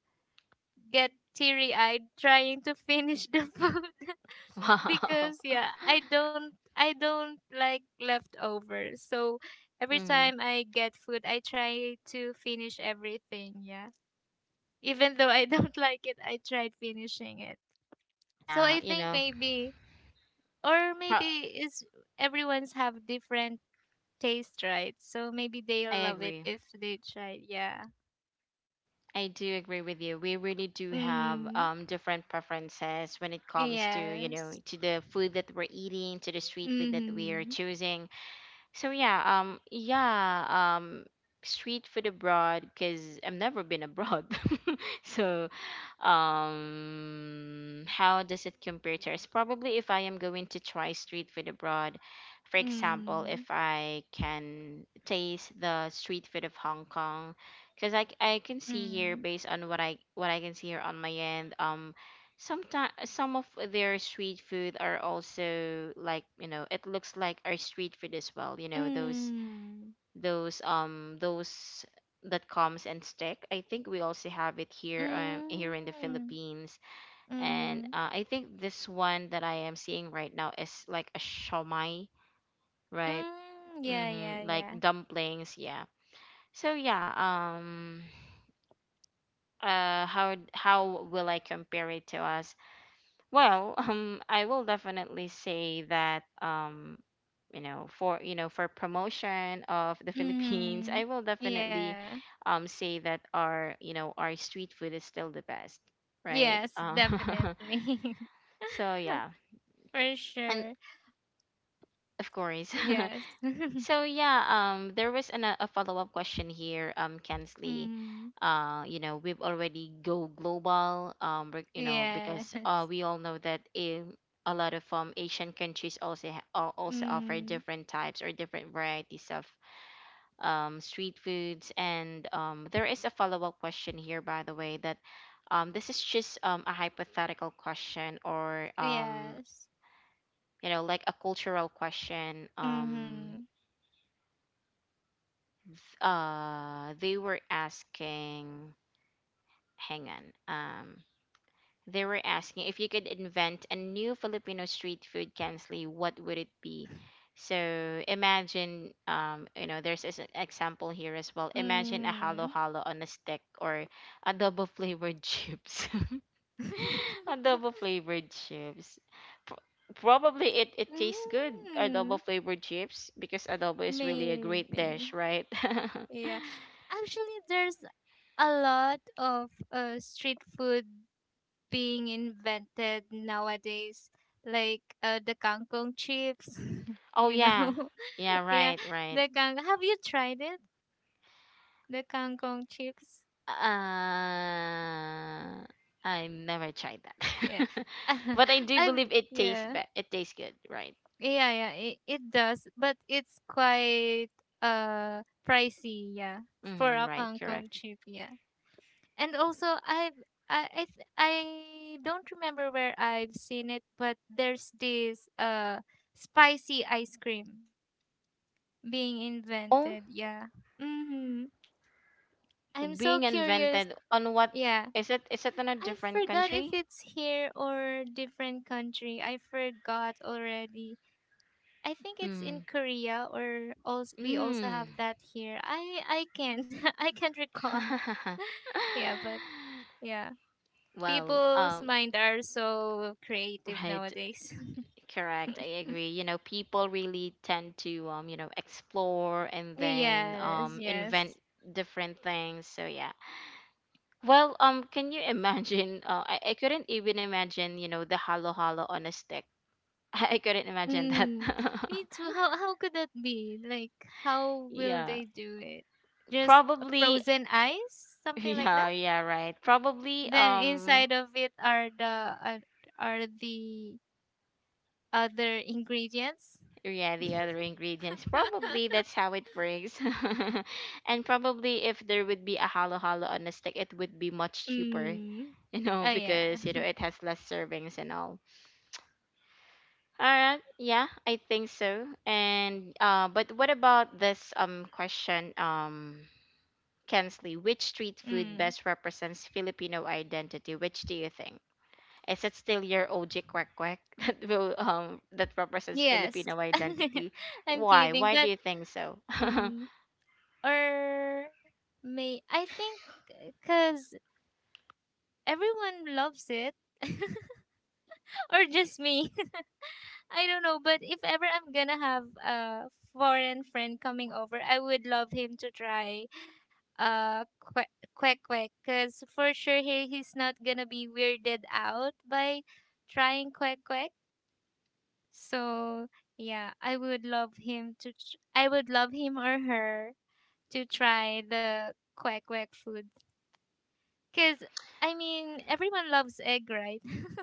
[SPEAKER 2] get teary eyed trying to finish the food.
[SPEAKER 1] Wow.
[SPEAKER 2] Because yeah, I don't, I don't like leftovers. So every
[SPEAKER 1] Hmm.
[SPEAKER 2] time I get food, I try to finish everything. Yeah, even though I don't like it, I tried finishing it. So
[SPEAKER 1] Yeah,
[SPEAKER 2] I
[SPEAKER 1] you
[SPEAKER 2] think
[SPEAKER 1] know,
[SPEAKER 2] maybe, or maybe
[SPEAKER 1] pro-
[SPEAKER 2] is everyone's have different taste, right? So maybe
[SPEAKER 1] I
[SPEAKER 2] they'll love it
[SPEAKER 1] agree.
[SPEAKER 2] if they try. Yeah.
[SPEAKER 1] I do agree with you. We really do have
[SPEAKER 2] Mm.
[SPEAKER 1] um, different preferences when it comes to, you know,
[SPEAKER 2] Yes.
[SPEAKER 1] to the food that we're eating, to the street food that we are
[SPEAKER 2] Mhm.
[SPEAKER 1] choosing. So yeah, um, yeah, um, street food abroad because I've never been abroad. so um how does it compare to us? Probably if I am going to try street food abroad, for example, if
[SPEAKER 2] Mm.
[SPEAKER 1] I can taste the street food of Hong Kong, because I, c- I can see here
[SPEAKER 2] Mm.
[SPEAKER 1] based on what I what I can see here on my end, um, sometimes some of their street food are also like, you know, it looks like our street food as well. You know those
[SPEAKER 2] Mm.
[SPEAKER 1] those um those that comes and stick. I think we also have it here um here in the
[SPEAKER 2] Mm.
[SPEAKER 1] Philippines, and
[SPEAKER 2] Mm.
[SPEAKER 1] uh, I think this one that I am seeing right now is like a shawmai, right?
[SPEAKER 2] Mm. Yeah, yeah,
[SPEAKER 1] Mm-hmm, like
[SPEAKER 2] yeah.
[SPEAKER 1] dumplings, yeah. So yeah, um, uh, how d- how will I compare it to us? Well, um, I will definitely say that um you know, for you know for promotion of the Philippines, I
[SPEAKER 2] Mhm.
[SPEAKER 1] will definitely
[SPEAKER 2] Yeah.
[SPEAKER 1] um say that, our you know, our street food is still the best, right?
[SPEAKER 2] Yes,
[SPEAKER 1] Um
[SPEAKER 2] definitely.
[SPEAKER 1] so yeah,
[SPEAKER 2] For
[SPEAKER 1] and
[SPEAKER 2] sure.
[SPEAKER 1] of course.
[SPEAKER 2] Yes.
[SPEAKER 1] So yeah um there was an, uh, a follow-up question here, um Kensley.
[SPEAKER 2] Mhm.
[SPEAKER 1] Uh you know, we've already go global. Um we're- you know, because uh
[SPEAKER 2] Yes.
[SPEAKER 1] we all know that in a lot of um Asian countries also ha- al- also offer
[SPEAKER 2] Mhm.
[SPEAKER 1] different types or different varieties of um, street foods. And um, there is a follow up question here, by the way, that um, this is just um, a hypothetical question, or um,
[SPEAKER 2] Yes.
[SPEAKER 1] you know, like a cultural question. Um,
[SPEAKER 2] Mhm.
[SPEAKER 1] uh, they were asking, hang on. Um, They were asking, if you could invent a new Filipino street food, Kensley, what would it be? So imagine, um, you know, there's an example here as well. Imagine a
[SPEAKER 2] Mm.
[SPEAKER 1] halo halo on a stick, or adobo flavored chips. Adobo flavored chips. Pro- Probably it, it tastes good,
[SPEAKER 2] Mm.
[SPEAKER 1] adobo flavored chips, because adobo is really a great
[SPEAKER 2] Maybe.
[SPEAKER 1] dish, right?
[SPEAKER 2] Yeah, actually, there's a lot of uh, street food being invented nowadays, like uh, the kangkong chips.
[SPEAKER 1] Oh,
[SPEAKER 2] You
[SPEAKER 1] yeah.
[SPEAKER 2] know,
[SPEAKER 1] Yeah,
[SPEAKER 2] yeah,
[SPEAKER 1] right, right.
[SPEAKER 2] the kang. Have you tried it? The kangkong chips.
[SPEAKER 1] Uh, I never tried that.
[SPEAKER 2] Yeah,
[SPEAKER 1] But I do
[SPEAKER 2] I've
[SPEAKER 1] believe it tastes
[SPEAKER 2] yeah
[SPEAKER 1] be- it tastes good, right?
[SPEAKER 2] yeah yeah. It, it does, but it's quite uh pricey. Yeah, for
[SPEAKER 1] Mm-hmm,
[SPEAKER 2] a
[SPEAKER 1] right,
[SPEAKER 2] kangkong
[SPEAKER 1] correct.
[SPEAKER 2] chip. Yeah. And also I've I I, th- I don't remember where I've seen it, but there's this uh spicy ice cream being
[SPEAKER 1] Oh,
[SPEAKER 2] invented. Yeah. Mm-hmm. I'm so
[SPEAKER 1] being
[SPEAKER 2] curious.
[SPEAKER 1] invented on what?
[SPEAKER 2] Yeah.
[SPEAKER 1] Is it is it in a
[SPEAKER 2] I
[SPEAKER 1] different
[SPEAKER 2] forgot if
[SPEAKER 1] country?
[SPEAKER 2] it's here or different country. I forgot already. I think it's in
[SPEAKER 1] Mm.
[SPEAKER 2] Korea, or also we also
[SPEAKER 1] Mm.
[SPEAKER 2] have that here. I I can't I can't recall. Yeah, but yeah.
[SPEAKER 1] Well,
[SPEAKER 2] People's
[SPEAKER 1] um
[SPEAKER 2] mind are so creative
[SPEAKER 1] right,
[SPEAKER 2] nowadays.
[SPEAKER 1] correct. I agree. You know, people really tend to, um, you know, explore and then
[SPEAKER 2] Yes,
[SPEAKER 1] um invent
[SPEAKER 2] yes.
[SPEAKER 1] different things. So yeah. Well, um, can you imagine? Uh, I, I couldn't even imagine, you know, the halo halo on a stick. I couldn't imagine that.
[SPEAKER 2] Mm, me too. How how could that be? Like, how will
[SPEAKER 1] Yeah,
[SPEAKER 2] they do it? Just a
[SPEAKER 1] probably.
[SPEAKER 2] frozen ice, something like that.
[SPEAKER 1] Yeah, yeah, right. Probably.
[SPEAKER 2] Then
[SPEAKER 1] Um,
[SPEAKER 2] inside of it are the uh, are the other ingredients.
[SPEAKER 1] yeah, the other ingredients. Probably that's how it works. And probably if there would be a halo halo on a stick, it would be much cheaper.
[SPEAKER 2] Mm.
[SPEAKER 1] You
[SPEAKER 2] Oh
[SPEAKER 1] know,
[SPEAKER 2] yeah.
[SPEAKER 1] because you know it has less servings and all. All right. Yeah, I think so. And uh, but what about this um question, um, Kensley? Which street food
[SPEAKER 2] Mm.
[SPEAKER 1] best represents Filipino identity? Which do you think? Is it still your O G quack quack that will um that represents
[SPEAKER 2] Yes.
[SPEAKER 1] Filipino identity?
[SPEAKER 2] I'm
[SPEAKER 1] Why?
[SPEAKER 2] kidding,
[SPEAKER 1] Why do
[SPEAKER 2] but
[SPEAKER 1] you think so?
[SPEAKER 2] mm, or may I think because everyone loves it. Or just me. I don't know, but if ever I'm gonna have a foreign friend coming over, I would love him to try uh que- quack quack, because for sure he, he's not gonna be weirded out by trying quack quack. So yeah, i would love him to tr- I would love him or her to try the quack quack food. Because, I mean, everyone loves egg, right?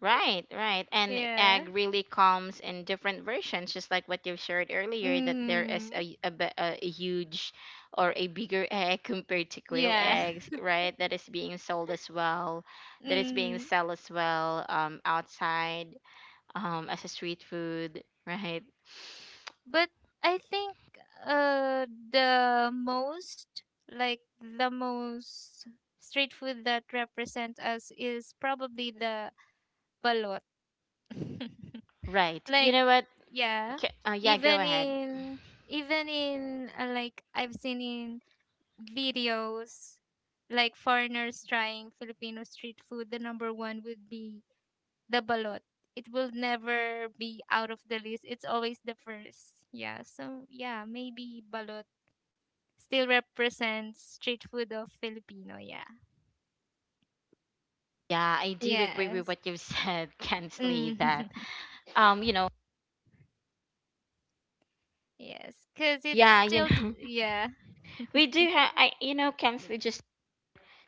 [SPEAKER 1] Right, right. And
[SPEAKER 2] Yeah.
[SPEAKER 1] egg really comes in different versions, just like what you shared earlier, that there is
[SPEAKER 2] Mm,
[SPEAKER 1] a, a, bi- a a huge or a bigger egg compared to quail
[SPEAKER 2] yeah.
[SPEAKER 1] eggs, right? That is being sold as well, that is being
[SPEAKER 2] Mm,
[SPEAKER 1] sold as well, um, outside, um, as a street food, right?
[SPEAKER 2] but I think uh, the most, like, the most street food that represents us is probably the balot.
[SPEAKER 1] Right. You
[SPEAKER 2] Like,
[SPEAKER 1] know what?
[SPEAKER 2] yeah.
[SPEAKER 1] K- Uh, yeah, go
[SPEAKER 2] Even
[SPEAKER 1] ahead.
[SPEAKER 2] in, Even in, uh, like, I've seen in videos like foreigners trying Filipino street food, the number one would be the balot. It will never be out of the list. It's always the first. Yeah. So yeah, maybe balot still represents street food of Filipino. Yeah.
[SPEAKER 1] Yeah, I do agree with
[SPEAKER 2] Yes.
[SPEAKER 1] what you've said, Kensley, that,
[SPEAKER 2] Mm.
[SPEAKER 1] um, you know,
[SPEAKER 2] Yes. Cause it's
[SPEAKER 1] yeah, you
[SPEAKER 2] still d-
[SPEAKER 1] know,
[SPEAKER 2] yeah.
[SPEAKER 1] we do have, I, you know, Kensley, just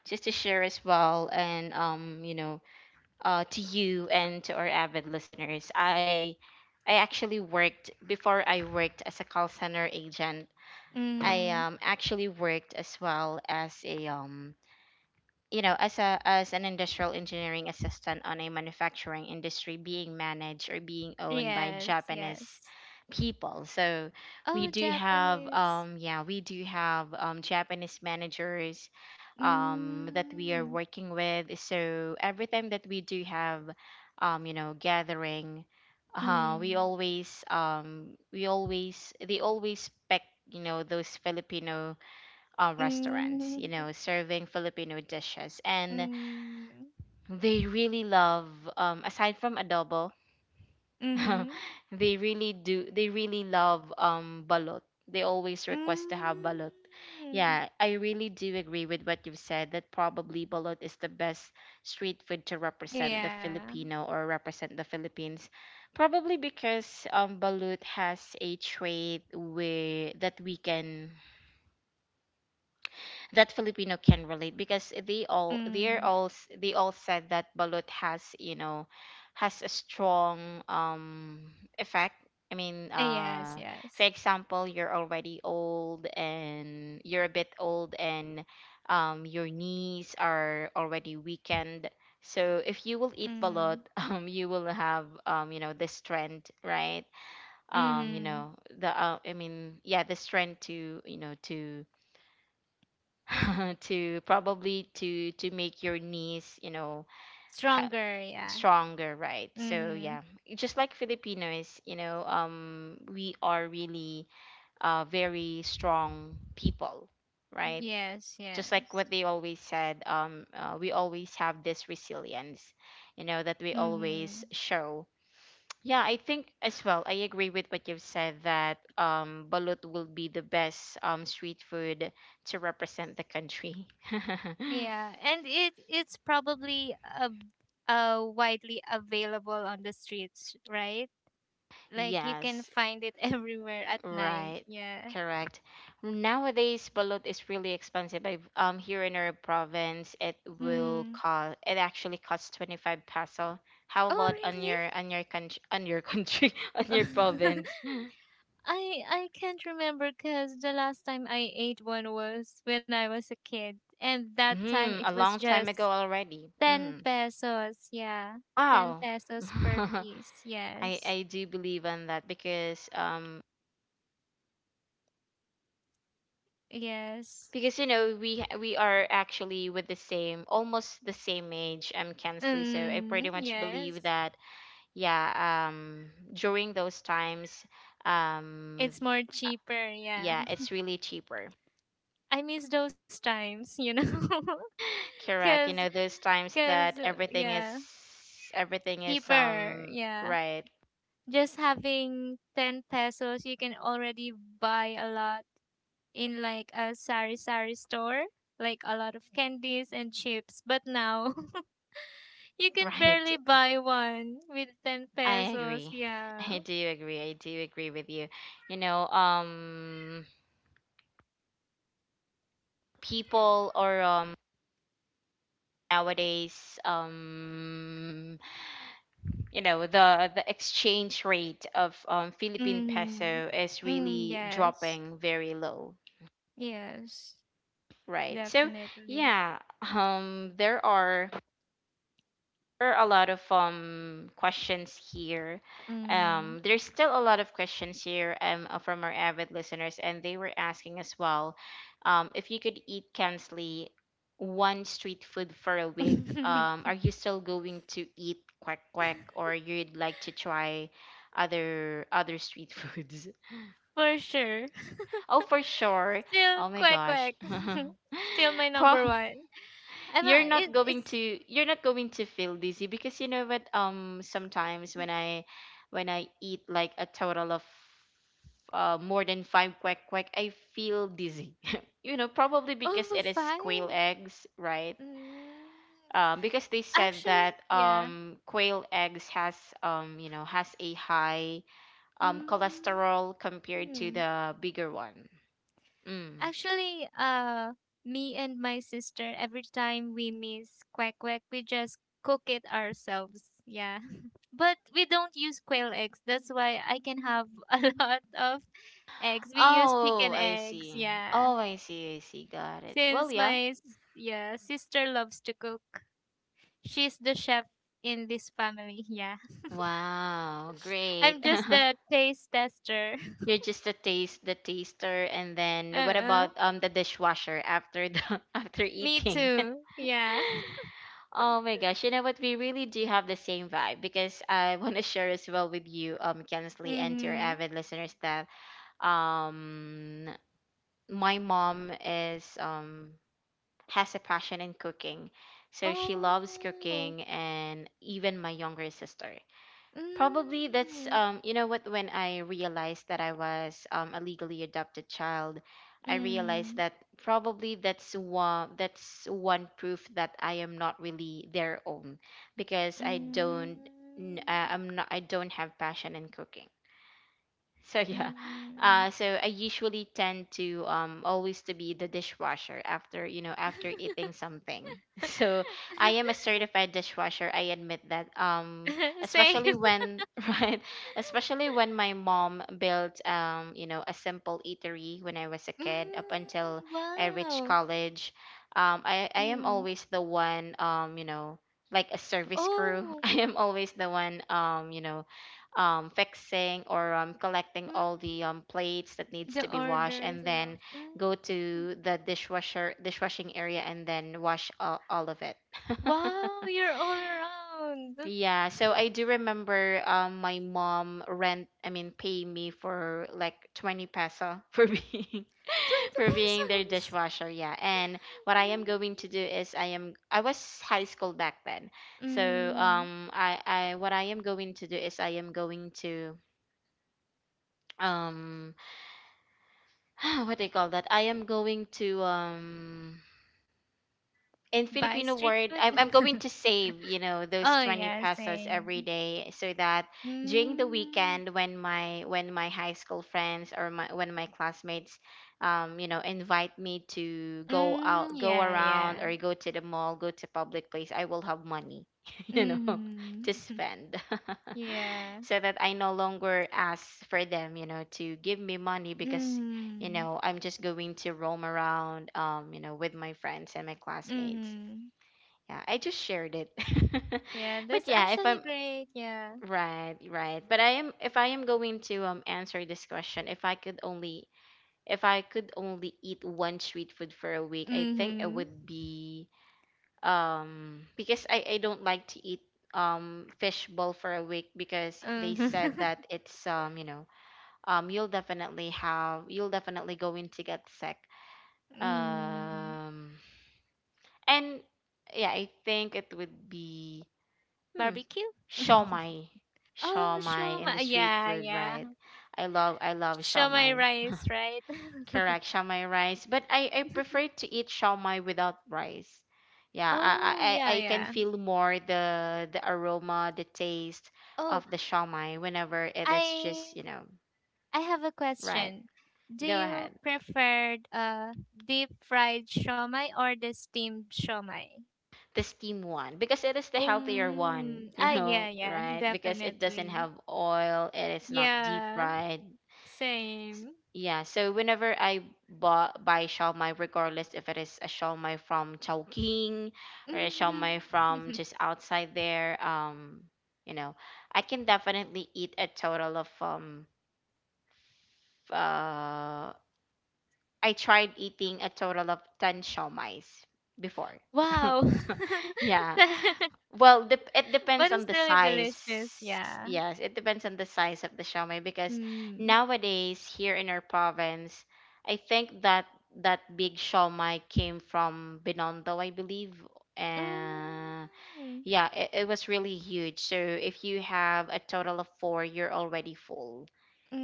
[SPEAKER 1] just to share as well, and um you know uh to you and to our avid listeners. i i actually worked before. I worked as a call center agent. I
[SPEAKER 2] Mm.
[SPEAKER 1] um actually worked as well as a um you know as a as an industrial engineering assistant on a manufacturing industry being managed or being owned by
[SPEAKER 2] Yes.
[SPEAKER 1] Japanese
[SPEAKER 2] Yes.
[SPEAKER 1] people. So we
[SPEAKER 2] Oh,
[SPEAKER 1] do have
[SPEAKER 2] Japanese.
[SPEAKER 1] um yeah, we do have um Japanese managers um that we are
[SPEAKER 2] Mm.
[SPEAKER 1] working with. So every time that we do have, um you know gathering, uh we
[SPEAKER 2] Mm.
[SPEAKER 1] always um we always they always pick, you know, those Filipino uh,
[SPEAKER 2] Mm.
[SPEAKER 1] restaurants, you know, serving Filipino dishes. And
[SPEAKER 2] Mm.
[SPEAKER 1] they really love, um, aside from adobo,
[SPEAKER 2] Mhm.
[SPEAKER 1] they really do, they really love, um, balot. They always request to have balot.
[SPEAKER 2] Mm.
[SPEAKER 1] Yeah, I really do agree with what you've said that probably balot is the best street food to represent the
[SPEAKER 2] Yeah.
[SPEAKER 1] Filipino or represent the Philippines. Probably because um, balut has a trait where that we can, that Filipino can relate, because they all they're
[SPEAKER 2] Mm.
[SPEAKER 1] all s- they all said that balut has, you know, has a strong um effect. I mean,
[SPEAKER 2] Ah, yes,
[SPEAKER 1] uh, for
[SPEAKER 2] yes.
[SPEAKER 1] example, you're already old, and you're a bit old, and um, your knees are already weakened. So if you will eat balut,
[SPEAKER 2] Mm.
[SPEAKER 1] um, you will have, um, you know the strength, right? Um, you
[SPEAKER 2] Mhm.
[SPEAKER 1] know the uh, I mean, yeah, the strength to, you know, to to probably to to make your knees, you know, ha-
[SPEAKER 2] Stronger, yeah.
[SPEAKER 1] stronger, right? So
[SPEAKER 2] Mhm.
[SPEAKER 1] yeah, just like Filipinos, you know, um we are really uh very strong people, right?
[SPEAKER 2] Yes,
[SPEAKER 1] Just like
[SPEAKER 2] yes.
[SPEAKER 1] what they always said, um uh, we always have this resilience, you know, that we always
[SPEAKER 2] Mhm.
[SPEAKER 1] show. Yeah, I think as well, I agree with what you've said that um balut will be the best um street food to represent the country.
[SPEAKER 2] Yeah, and it it's probably uh, uh widely available on the streets, right? Like you can
[SPEAKER 1] Yes,
[SPEAKER 2] find it everywhere at night.
[SPEAKER 1] right,
[SPEAKER 2] Yeah.
[SPEAKER 1] correct. Nowadays, balut is really expensive. I um here in our province, it will
[SPEAKER 2] Mm.
[SPEAKER 1] cost, it actually costs twenty five peso. How
[SPEAKER 2] Oh,
[SPEAKER 1] about on
[SPEAKER 2] really?
[SPEAKER 1] your, on your country, on your country, on your province?
[SPEAKER 2] I I can't remember because the last time I ate one was when I was a kid, and that time it
[SPEAKER 1] Hmm, a
[SPEAKER 2] was
[SPEAKER 1] long time
[SPEAKER 2] just
[SPEAKER 1] ago already.
[SPEAKER 2] ten
[SPEAKER 1] Mm.
[SPEAKER 2] pesos. Yeah, ten
[SPEAKER 1] Wow.
[SPEAKER 2] pesos per piece.
[SPEAKER 1] I
[SPEAKER 2] Yes,
[SPEAKER 1] I do believe on that, because um
[SPEAKER 2] yes,
[SPEAKER 1] because you know we we are actually with the same, almost the same age, um Kensley, so I
[SPEAKER 2] mm,
[SPEAKER 1] pretty much
[SPEAKER 2] yes.
[SPEAKER 1] believe that. yeah um During those times, um
[SPEAKER 2] It's more
[SPEAKER 1] uh,
[SPEAKER 2] cheaper. Yeah,
[SPEAKER 1] yeah, it's really cheaper.
[SPEAKER 2] I miss those times. You know,
[SPEAKER 1] Correct, you
[SPEAKER 2] because
[SPEAKER 1] know, those times
[SPEAKER 2] because
[SPEAKER 1] that everything is,
[SPEAKER 2] yeah,
[SPEAKER 1] everything is
[SPEAKER 2] cheaper.
[SPEAKER 1] um
[SPEAKER 2] Yeah,
[SPEAKER 1] right.
[SPEAKER 2] just having ten pesos, you can already buy a lot in like a sari sari store, like a lot of candies and chips. But now you can
[SPEAKER 1] Right,
[SPEAKER 2] barely buy one with ten
[SPEAKER 1] I
[SPEAKER 2] pesos.
[SPEAKER 1] agree.
[SPEAKER 2] Yeah.
[SPEAKER 1] i do agree I do agree with you. You know, um people or um nowadays, um you know, the the exchange rate of um philippine
[SPEAKER 2] Mm-hmm.
[SPEAKER 1] peso is
[SPEAKER 2] Mm,
[SPEAKER 1] really
[SPEAKER 2] yes.
[SPEAKER 1] dropping very low.
[SPEAKER 2] Yes.
[SPEAKER 1] Right. So
[SPEAKER 2] Definitely.
[SPEAKER 1] yeah, um, there are there are a lot of um questions here.
[SPEAKER 2] Mm.
[SPEAKER 1] Um, there's still a lot of questions here, um uh, from our avid listeners, and they were asking as well, um, if you could eat, Kensley, one street food for a week, um, are you still going to eat quack quack, or you'd like to try other other street foods?
[SPEAKER 2] For sure.
[SPEAKER 1] Oh, for sure.
[SPEAKER 2] Still
[SPEAKER 1] Oh my
[SPEAKER 2] quack
[SPEAKER 1] gosh.
[SPEAKER 2] quack. Still my number
[SPEAKER 1] Prob
[SPEAKER 2] one. I'm a,
[SPEAKER 1] You're
[SPEAKER 2] it,
[SPEAKER 1] not going
[SPEAKER 2] it's
[SPEAKER 1] to, you're not going to feel dizzy, because you know what, um sometimes when I when I eat like a total of uh, more than five quack quack, I feel dizzy. You know, probably
[SPEAKER 2] oh
[SPEAKER 1] because it is
[SPEAKER 2] five.
[SPEAKER 1] quail eggs, right?
[SPEAKER 2] Mm,
[SPEAKER 1] Um, because they said
[SPEAKER 2] actually,
[SPEAKER 1] that,
[SPEAKER 2] yeah.
[SPEAKER 1] um, quail eggs has um, you know has a high um, cholesterol compared to
[SPEAKER 2] Mm.
[SPEAKER 1] the bigger one. Mm.
[SPEAKER 2] Actually, uh, me and my sister, every time we miss quack quack, we just cook it ourselves. Yeah. But we don't use quail eggs. That's why I can have a lot of eggs. We use
[SPEAKER 1] Oh,
[SPEAKER 2] chicken
[SPEAKER 1] I
[SPEAKER 2] eggs.
[SPEAKER 1] see.
[SPEAKER 2] Yeah.
[SPEAKER 1] oh i see I see, got it. Well,
[SPEAKER 2] Since
[SPEAKER 1] yeah.
[SPEAKER 2] my s- yeah, sister loves to cook. She's the chef in this family. Yeah.
[SPEAKER 1] Wow, great.
[SPEAKER 2] I'm just the taste tester.
[SPEAKER 1] You're just a taste, the taster, and then what
[SPEAKER 2] Uh-uh.
[SPEAKER 1] about um the dishwasher after the after
[SPEAKER 2] Me
[SPEAKER 1] eating?
[SPEAKER 2] too. Yeah.
[SPEAKER 1] Oh my gosh, you know what? We really do have the same vibe, because I want to share as well with you, um, Kensley, and to your
[SPEAKER 2] Mhm.
[SPEAKER 1] avid listeners, that um my mom is um has a passion in cooking. So she loves
[SPEAKER 2] Oh.
[SPEAKER 1] cooking, and even my younger sister. Probably that's
[SPEAKER 2] Mm,
[SPEAKER 1] um you know what, when I realized that I was um a legally adopted child, I realized
[SPEAKER 2] mm,
[SPEAKER 1] that probably that's one, that's one proof that I am not really their own, because I
[SPEAKER 2] mm,
[SPEAKER 1] don't n- uh, I'm not I don't have passion in cooking. So yeah, uh,
[SPEAKER 2] mm.
[SPEAKER 1] so I usually tend to um always to be the dishwasher after, you know, after eating something. So I am a certified dishwasher. I admit that. Um,
[SPEAKER 2] Same.
[SPEAKER 1] especially when right, especially when my mom built um you know a simple eatery when I was a kid, up
[SPEAKER 2] Mm,
[SPEAKER 1] until I reached
[SPEAKER 2] wow.
[SPEAKER 1] college. Um, I I am
[SPEAKER 2] Mm.
[SPEAKER 1] always the one, um you know like a service crew.
[SPEAKER 2] Oh.
[SPEAKER 1] I am always the one um you know um, fixing or um, collecting all the um,
[SPEAKER 2] Mm.
[SPEAKER 1] plates that needs
[SPEAKER 2] The
[SPEAKER 1] to be washed and
[SPEAKER 2] orders and all.
[SPEAKER 1] then go
[SPEAKER 2] Mm.
[SPEAKER 1] to the dishwasher dishwashing area and then wash all, all of it.
[SPEAKER 2] Wow, you're all around. twenty
[SPEAKER 1] Yeah, so I do remember, um, my mom rent I mean pay me for like twenty peso for being for being their
[SPEAKER 2] pesos.
[SPEAKER 1] dishwasher. Yeah, and what I am going to do is i am I was high school back then.
[SPEAKER 2] Mm.
[SPEAKER 1] So
[SPEAKER 2] Mm.
[SPEAKER 1] um I I what I am going to do is I am going to, um what do you call that, I am going to, um, in
[SPEAKER 2] Buy
[SPEAKER 1] Filipino
[SPEAKER 2] street
[SPEAKER 1] word, I'm, I'm
[SPEAKER 2] food.
[SPEAKER 1] going to save, you know, those
[SPEAKER 2] Oh
[SPEAKER 1] twenty
[SPEAKER 2] yeah,
[SPEAKER 1] pesos every
[SPEAKER 2] same.
[SPEAKER 1] day so that during the
[SPEAKER 2] Mm.
[SPEAKER 1] weekend when my when my high school friends or my when my classmates um you know invite me to go
[SPEAKER 2] Mm,
[SPEAKER 1] out, go
[SPEAKER 2] yeah, yeah.
[SPEAKER 1] around, or go to the mall, go to public place, I will have money you know to
[SPEAKER 2] Mm.
[SPEAKER 1] spend.
[SPEAKER 2] Yeah.
[SPEAKER 1] So that I no longer ask for them, you know, to give me money, because you
[SPEAKER 2] Mhm.
[SPEAKER 1] know, I'm just going to roam around, um, you know, with my friends and my classmates.
[SPEAKER 2] Mhm.
[SPEAKER 1] Yeah, I just shared it.
[SPEAKER 2] Yeah,
[SPEAKER 1] But
[SPEAKER 2] that's
[SPEAKER 1] yeah, if
[SPEAKER 2] actually
[SPEAKER 1] I'm
[SPEAKER 2] great. Yeah.
[SPEAKER 1] right, right. But I am, if I am going to um answer this question, if I could only if I could only eat one street food for a week, I think
[SPEAKER 2] Mhm.
[SPEAKER 1] it would be, um, because I I don't like to eat um fish bowl for a week because they said
[SPEAKER 2] Mhm.
[SPEAKER 1] that it's um you know um you'll definitely have, you'll definitely going to get sick.
[SPEAKER 2] Mhm.
[SPEAKER 1] Um, and yeah, I think it would be, hmm,
[SPEAKER 2] Barbecue.
[SPEAKER 1] shawmai,
[SPEAKER 2] Oh, show
[SPEAKER 1] shawmai in the
[SPEAKER 2] my
[SPEAKER 1] street
[SPEAKER 2] yeah,
[SPEAKER 1] food,
[SPEAKER 2] yeah.
[SPEAKER 1] right? I love, I love
[SPEAKER 2] Show my
[SPEAKER 1] shawmai.
[SPEAKER 2] rice, right?
[SPEAKER 1] Correct, shawmai rice, but I I prefer to eat shawmai without rice. Yeah,
[SPEAKER 2] Oh,
[SPEAKER 1] I
[SPEAKER 2] yeah,
[SPEAKER 1] I I I
[SPEAKER 2] yeah.
[SPEAKER 1] can feel more the the aroma, the taste
[SPEAKER 2] Oh,
[SPEAKER 1] of the shawmai whenever it is
[SPEAKER 2] I
[SPEAKER 1] just you know.
[SPEAKER 2] I have a
[SPEAKER 1] Right.
[SPEAKER 2] question. Do
[SPEAKER 1] Go
[SPEAKER 2] you
[SPEAKER 1] ahead.
[SPEAKER 2] prefer uh deep fried shomai or the steamed shomai?
[SPEAKER 1] The steam one because it is the healthier one,
[SPEAKER 2] Um,
[SPEAKER 1] you
[SPEAKER 2] ah, yeah,
[SPEAKER 1] know,
[SPEAKER 2] yeah,
[SPEAKER 1] right? Because it doesn't
[SPEAKER 2] definitely.
[SPEAKER 1] have oil, it is not deep
[SPEAKER 2] Yeah,
[SPEAKER 1] fried. S-
[SPEAKER 2] same.
[SPEAKER 1] Yeah, so whenever I bought, buy shawmai, regardless if it is a shawmai from Chowking or a
[SPEAKER 2] Hmm.
[SPEAKER 1] shawmai from just outside there, um, you know, I can definitely eat a total of um uh I tried eating a total of ten shawmais before.
[SPEAKER 2] Wow.
[SPEAKER 1] Yeah.
[SPEAKER 2] That-
[SPEAKER 1] Well, dep it
[SPEAKER 2] but
[SPEAKER 1] depends
[SPEAKER 2] it's
[SPEAKER 1] on the
[SPEAKER 2] really
[SPEAKER 1] size.
[SPEAKER 2] delicious, yeah.
[SPEAKER 1] Yes, it depends on the size of the siomai because
[SPEAKER 2] Mm.
[SPEAKER 1] nowadays here in our province, I think that that big siomai came from Binondo, I believe. Uh,
[SPEAKER 2] Mm.
[SPEAKER 1] yeah, it, it was really huge. So if you have a total of four, you're already full.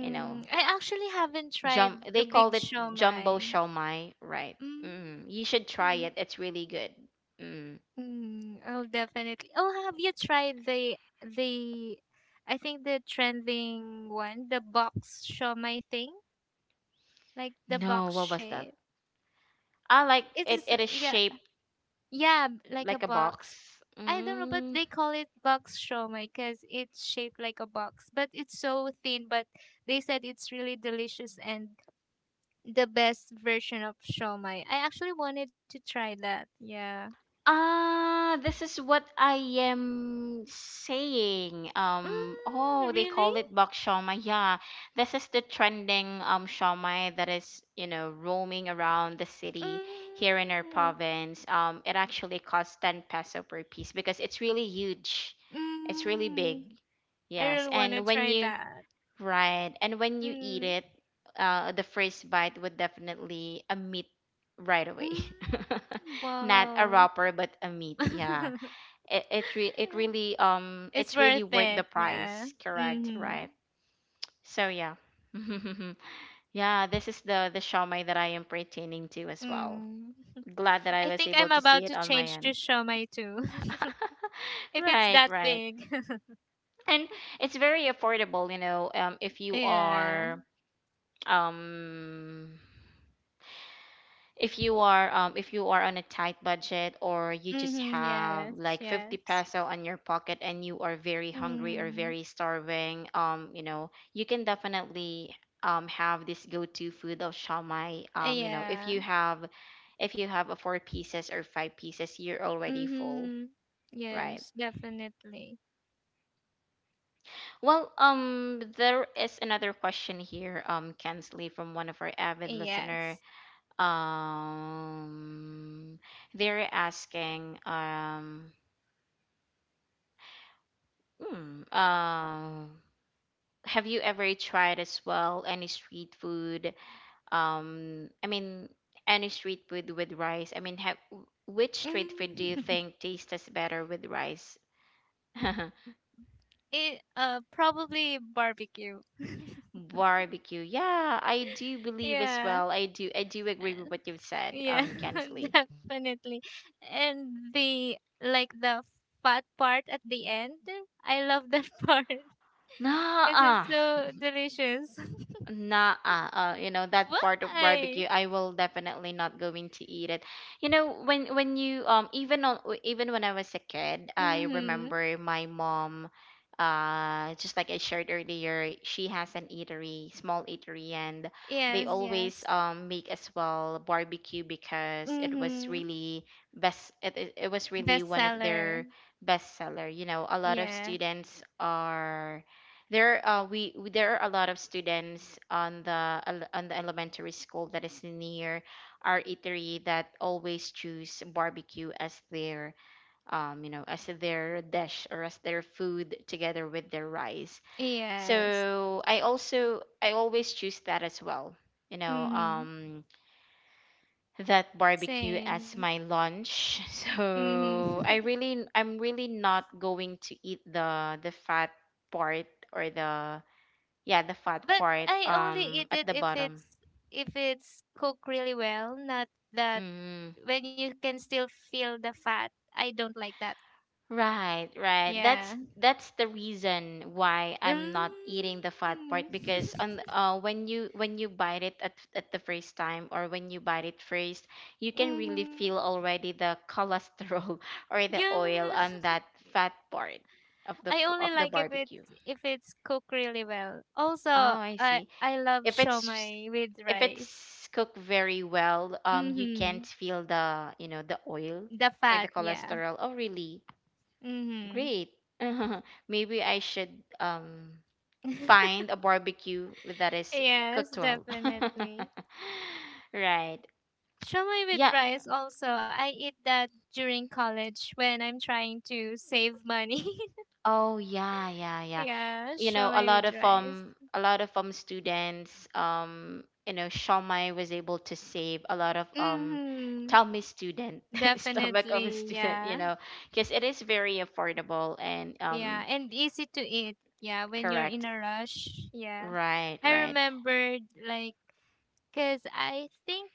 [SPEAKER 1] You know,
[SPEAKER 2] I actually haven't tried
[SPEAKER 1] jum
[SPEAKER 2] the
[SPEAKER 1] they called
[SPEAKER 2] big
[SPEAKER 1] it jumbo
[SPEAKER 2] shawmai.
[SPEAKER 1] siomai, right? Mm, you should try
[SPEAKER 2] Mm.
[SPEAKER 1] it. It's really good. Mm.
[SPEAKER 2] Mm. Oh, definitely. Oh, have you tried the the I think the trending one, the box shawmai thing? Like the
[SPEAKER 1] No,
[SPEAKER 2] box
[SPEAKER 1] what was that?
[SPEAKER 2] shape.
[SPEAKER 1] Ah, like it,
[SPEAKER 2] It's
[SPEAKER 1] it is
[SPEAKER 2] yeah,
[SPEAKER 1] shaped
[SPEAKER 2] yeah, b- like a
[SPEAKER 1] like a
[SPEAKER 2] box.
[SPEAKER 1] box.
[SPEAKER 2] I don't know, but
[SPEAKER 1] Mm.
[SPEAKER 2] they call it box shomai because it's shaped like a box, but it's so thin. But they said it's really delicious and the best version of shomai. I actually wanted to try that. Yeah.
[SPEAKER 1] Ah, this is what I am saying. Um, oh,
[SPEAKER 2] Mm,
[SPEAKER 1] they
[SPEAKER 2] really?
[SPEAKER 1] call it bak shawmai. Yeah, this is the trending um shawmai that is, you know, roaming around the city here in our
[SPEAKER 2] Mm,
[SPEAKER 1] province. Um, it actually costs ten peso per piece because it's really huge. It's really
[SPEAKER 2] mm,
[SPEAKER 1] big.
[SPEAKER 2] I
[SPEAKER 1] Yes,
[SPEAKER 2] really want to
[SPEAKER 1] and when
[SPEAKER 2] try
[SPEAKER 1] you.
[SPEAKER 2] that.
[SPEAKER 1] Right. And when you eat
[SPEAKER 2] Mm,
[SPEAKER 1] it, uh, the first bite would definitely a meat right away.
[SPEAKER 2] mm,
[SPEAKER 1] Not a
[SPEAKER 2] wow.
[SPEAKER 1] wrapper, but a meat. Yeah. It it, re- it really um
[SPEAKER 2] It's
[SPEAKER 1] it's
[SPEAKER 2] worth
[SPEAKER 1] really worth the
[SPEAKER 2] it. Yeah.
[SPEAKER 1] price. Correct.
[SPEAKER 2] Mm-hmm.
[SPEAKER 1] Right. So yeah. Yeah, this is the the shawmai that I am pertaining to as well.
[SPEAKER 2] Mm.
[SPEAKER 1] Glad that I
[SPEAKER 2] I
[SPEAKER 1] was
[SPEAKER 2] think
[SPEAKER 1] able
[SPEAKER 2] I'm
[SPEAKER 1] to see
[SPEAKER 2] about
[SPEAKER 1] it
[SPEAKER 2] to
[SPEAKER 1] on my
[SPEAKER 2] change to
[SPEAKER 1] end.
[SPEAKER 2] shomai too. If it's
[SPEAKER 1] Right,
[SPEAKER 2] that
[SPEAKER 1] right.
[SPEAKER 2] big.
[SPEAKER 1] And it's very affordable, you know, um if you
[SPEAKER 2] Yeah.
[SPEAKER 1] are, um if you are, um if you are on a tight budget or you just
[SPEAKER 2] Mhm.
[SPEAKER 1] have
[SPEAKER 2] Yes,
[SPEAKER 1] like fifty
[SPEAKER 2] yes.
[SPEAKER 1] peso on your pocket and you are very hungry or
[SPEAKER 2] Mm.
[SPEAKER 1] very starving, um you know you can definitely um have this go-to food of shamai, um you know, if
[SPEAKER 2] Yeah.
[SPEAKER 1] you have if you have a four pieces or five pieces, you're already full,
[SPEAKER 2] Mhm.
[SPEAKER 1] right.
[SPEAKER 2] Yes, definitely.
[SPEAKER 1] Well, um there is another question here, um, Kensley, from one of our avid listener.
[SPEAKER 2] Yes.
[SPEAKER 1] Um, they're asking, um, hmm, um, have you ever tried as well any street food? Um, I mean, any street food with rice? I mean, have, which street food do you
[SPEAKER 2] Mm.
[SPEAKER 1] think tastes better with rice?
[SPEAKER 2] It uh probably barbecue.
[SPEAKER 1] Barbecue. Yeah, I do believe as
[SPEAKER 2] Yeah.
[SPEAKER 1] well. I do, I do agree
[SPEAKER 2] Uh,
[SPEAKER 1] with what you've said,
[SPEAKER 2] yeah,
[SPEAKER 1] um, Kensley.
[SPEAKER 2] definitely. And the like the fat part at the end. I love that part. It is
[SPEAKER 1] Nah,
[SPEAKER 2] so delicious.
[SPEAKER 1] nah, uh, you know that part of
[SPEAKER 2] Why?
[SPEAKER 1] barbecue, I will definitely not going to eat it. You know, when when you, um even on w- even when I was a kid, I
[SPEAKER 2] Mm-hmm.
[SPEAKER 1] remember my mom, uh, just like I shared earlier, she has an eatery, small eatery, and they
[SPEAKER 2] Yes,
[SPEAKER 1] always
[SPEAKER 2] yes.
[SPEAKER 1] um make as well barbecue because it was
[SPEAKER 2] Mm-hmm.
[SPEAKER 1] really best. It it it was really one of
[SPEAKER 2] Bestseller.
[SPEAKER 1] their best seller. You know, a lot of
[SPEAKER 2] Yeah.
[SPEAKER 1] students are there, uh, we we- there are a lot of students on the ele- on the elementary school that is near our eatery that always choose barbecue as their um you know as their dish or as their food together with their rice.
[SPEAKER 2] Yes.
[SPEAKER 1] So I also I always choose that as well. You know,
[SPEAKER 2] Mm-hmm.
[SPEAKER 1] um, that barbecue as
[SPEAKER 2] Same.
[SPEAKER 1] my lunch.
[SPEAKER 2] Mm-hmm.
[SPEAKER 1] So I really I'm really not going to eat the the fat part or the, yeah, the fat
[SPEAKER 2] But
[SPEAKER 1] part
[SPEAKER 2] I only
[SPEAKER 1] um
[SPEAKER 2] eat
[SPEAKER 1] at
[SPEAKER 2] it
[SPEAKER 1] the
[SPEAKER 2] if
[SPEAKER 1] bottom.
[SPEAKER 2] it's if it's cooked really well, not that
[SPEAKER 1] Mm,
[SPEAKER 2] when you can still feel the fat. I don't like that.
[SPEAKER 1] right, right. That's
[SPEAKER 2] Yeah.
[SPEAKER 1] that's the reason why I'm not eating the fat
[SPEAKER 2] Mm.
[SPEAKER 1] part, because on uh when you when you bite it at at the first time, or when you bite it first, you can really
[SPEAKER 2] Hmm.
[SPEAKER 1] feel already the cholesterol or the oil
[SPEAKER 2] Yeah.
[SPEAKER 1] on that fat part of the
[SPEAKER 2] I
[SPEAKER 1] p-
[SPEAKER 2] only
[SPEAKER 1] of the
[SPEAKER 2] like if
[SPEAKER 1] barbecue.
[SPEAKER 2] it's if it's cooked really well.
[SPEAKER 1] Oh,
[SPEAKER 2] Also,
[SPEAKER 1] I
[SPEAKER 2] I
[SPEAKER 1] see.
[SPEAKER 2] I love
[SPEAKER 1] If it's,
[SPEAKER 2] shawmai with
[SPEAKER 1] if
[SPEAKER 2] rice.
[SPEAKER 1] it's cooked very well, um, you can't
[SPEAKER 2] Mhm.
[SPEAKER 1] feel the you know the oil
[SPEAKER 2] The
[SPEAKER 1] or the
[SPEAKER 2] fat, yeah.
[SPEAKER 1] cholesterol. Oh, really?
[SPEAKER 2] Mhm.
[SPEAKER 1] Great. Maybe I should, um, find a barbecue that is
[SPEAKER 2] Yes,
[SPEAKER 1] cooked well.
[SPEAKER 2] definitely.
[SPEAKER 1] Right.
[SPEAKER 2] Shawmai with
[SPEAKER 1] Yeah.
[SPEAKER 2] rice also. I eat that during college when I'm trying to save money.
[SPEAKER 1] Oh yeah, yeah, yeah.
[SPEAKER 2] Yeah,
[SPEAKER 1] You know a
[SPEAKER 2] shawmai
[SPEAKER 1] lot
[SPEAKER 2] with
[SPEAKER 1] of
[SPEAKER 2] rice.
[SPEAKER 1] um a lot of um students, um you know, Shomai was able to save a lot of um
[SPEAKER 2] Mm-hmm.
[SPEAKER 1] tummy student stomach of a
[SPEAKER 2] Definitely,
[SPEAKER 1] student,
[SPEAKER 2] yeah.
[SPEAKER 1] you know, because it is very affordable and
[SPEAKER 2] Yeah,
[SPEAKER 1] um,
[SPEAKER 2] and easy to eat. Yeah, when you're in
[SPEAKER 1] correct,
[SPEAKER 2] a rush. Yeah.
[SPEAKER 1] right,
[SPEAKER 2] I
[SPEAKER 1] right.
[SPEAKER 2] remembered like cuz I think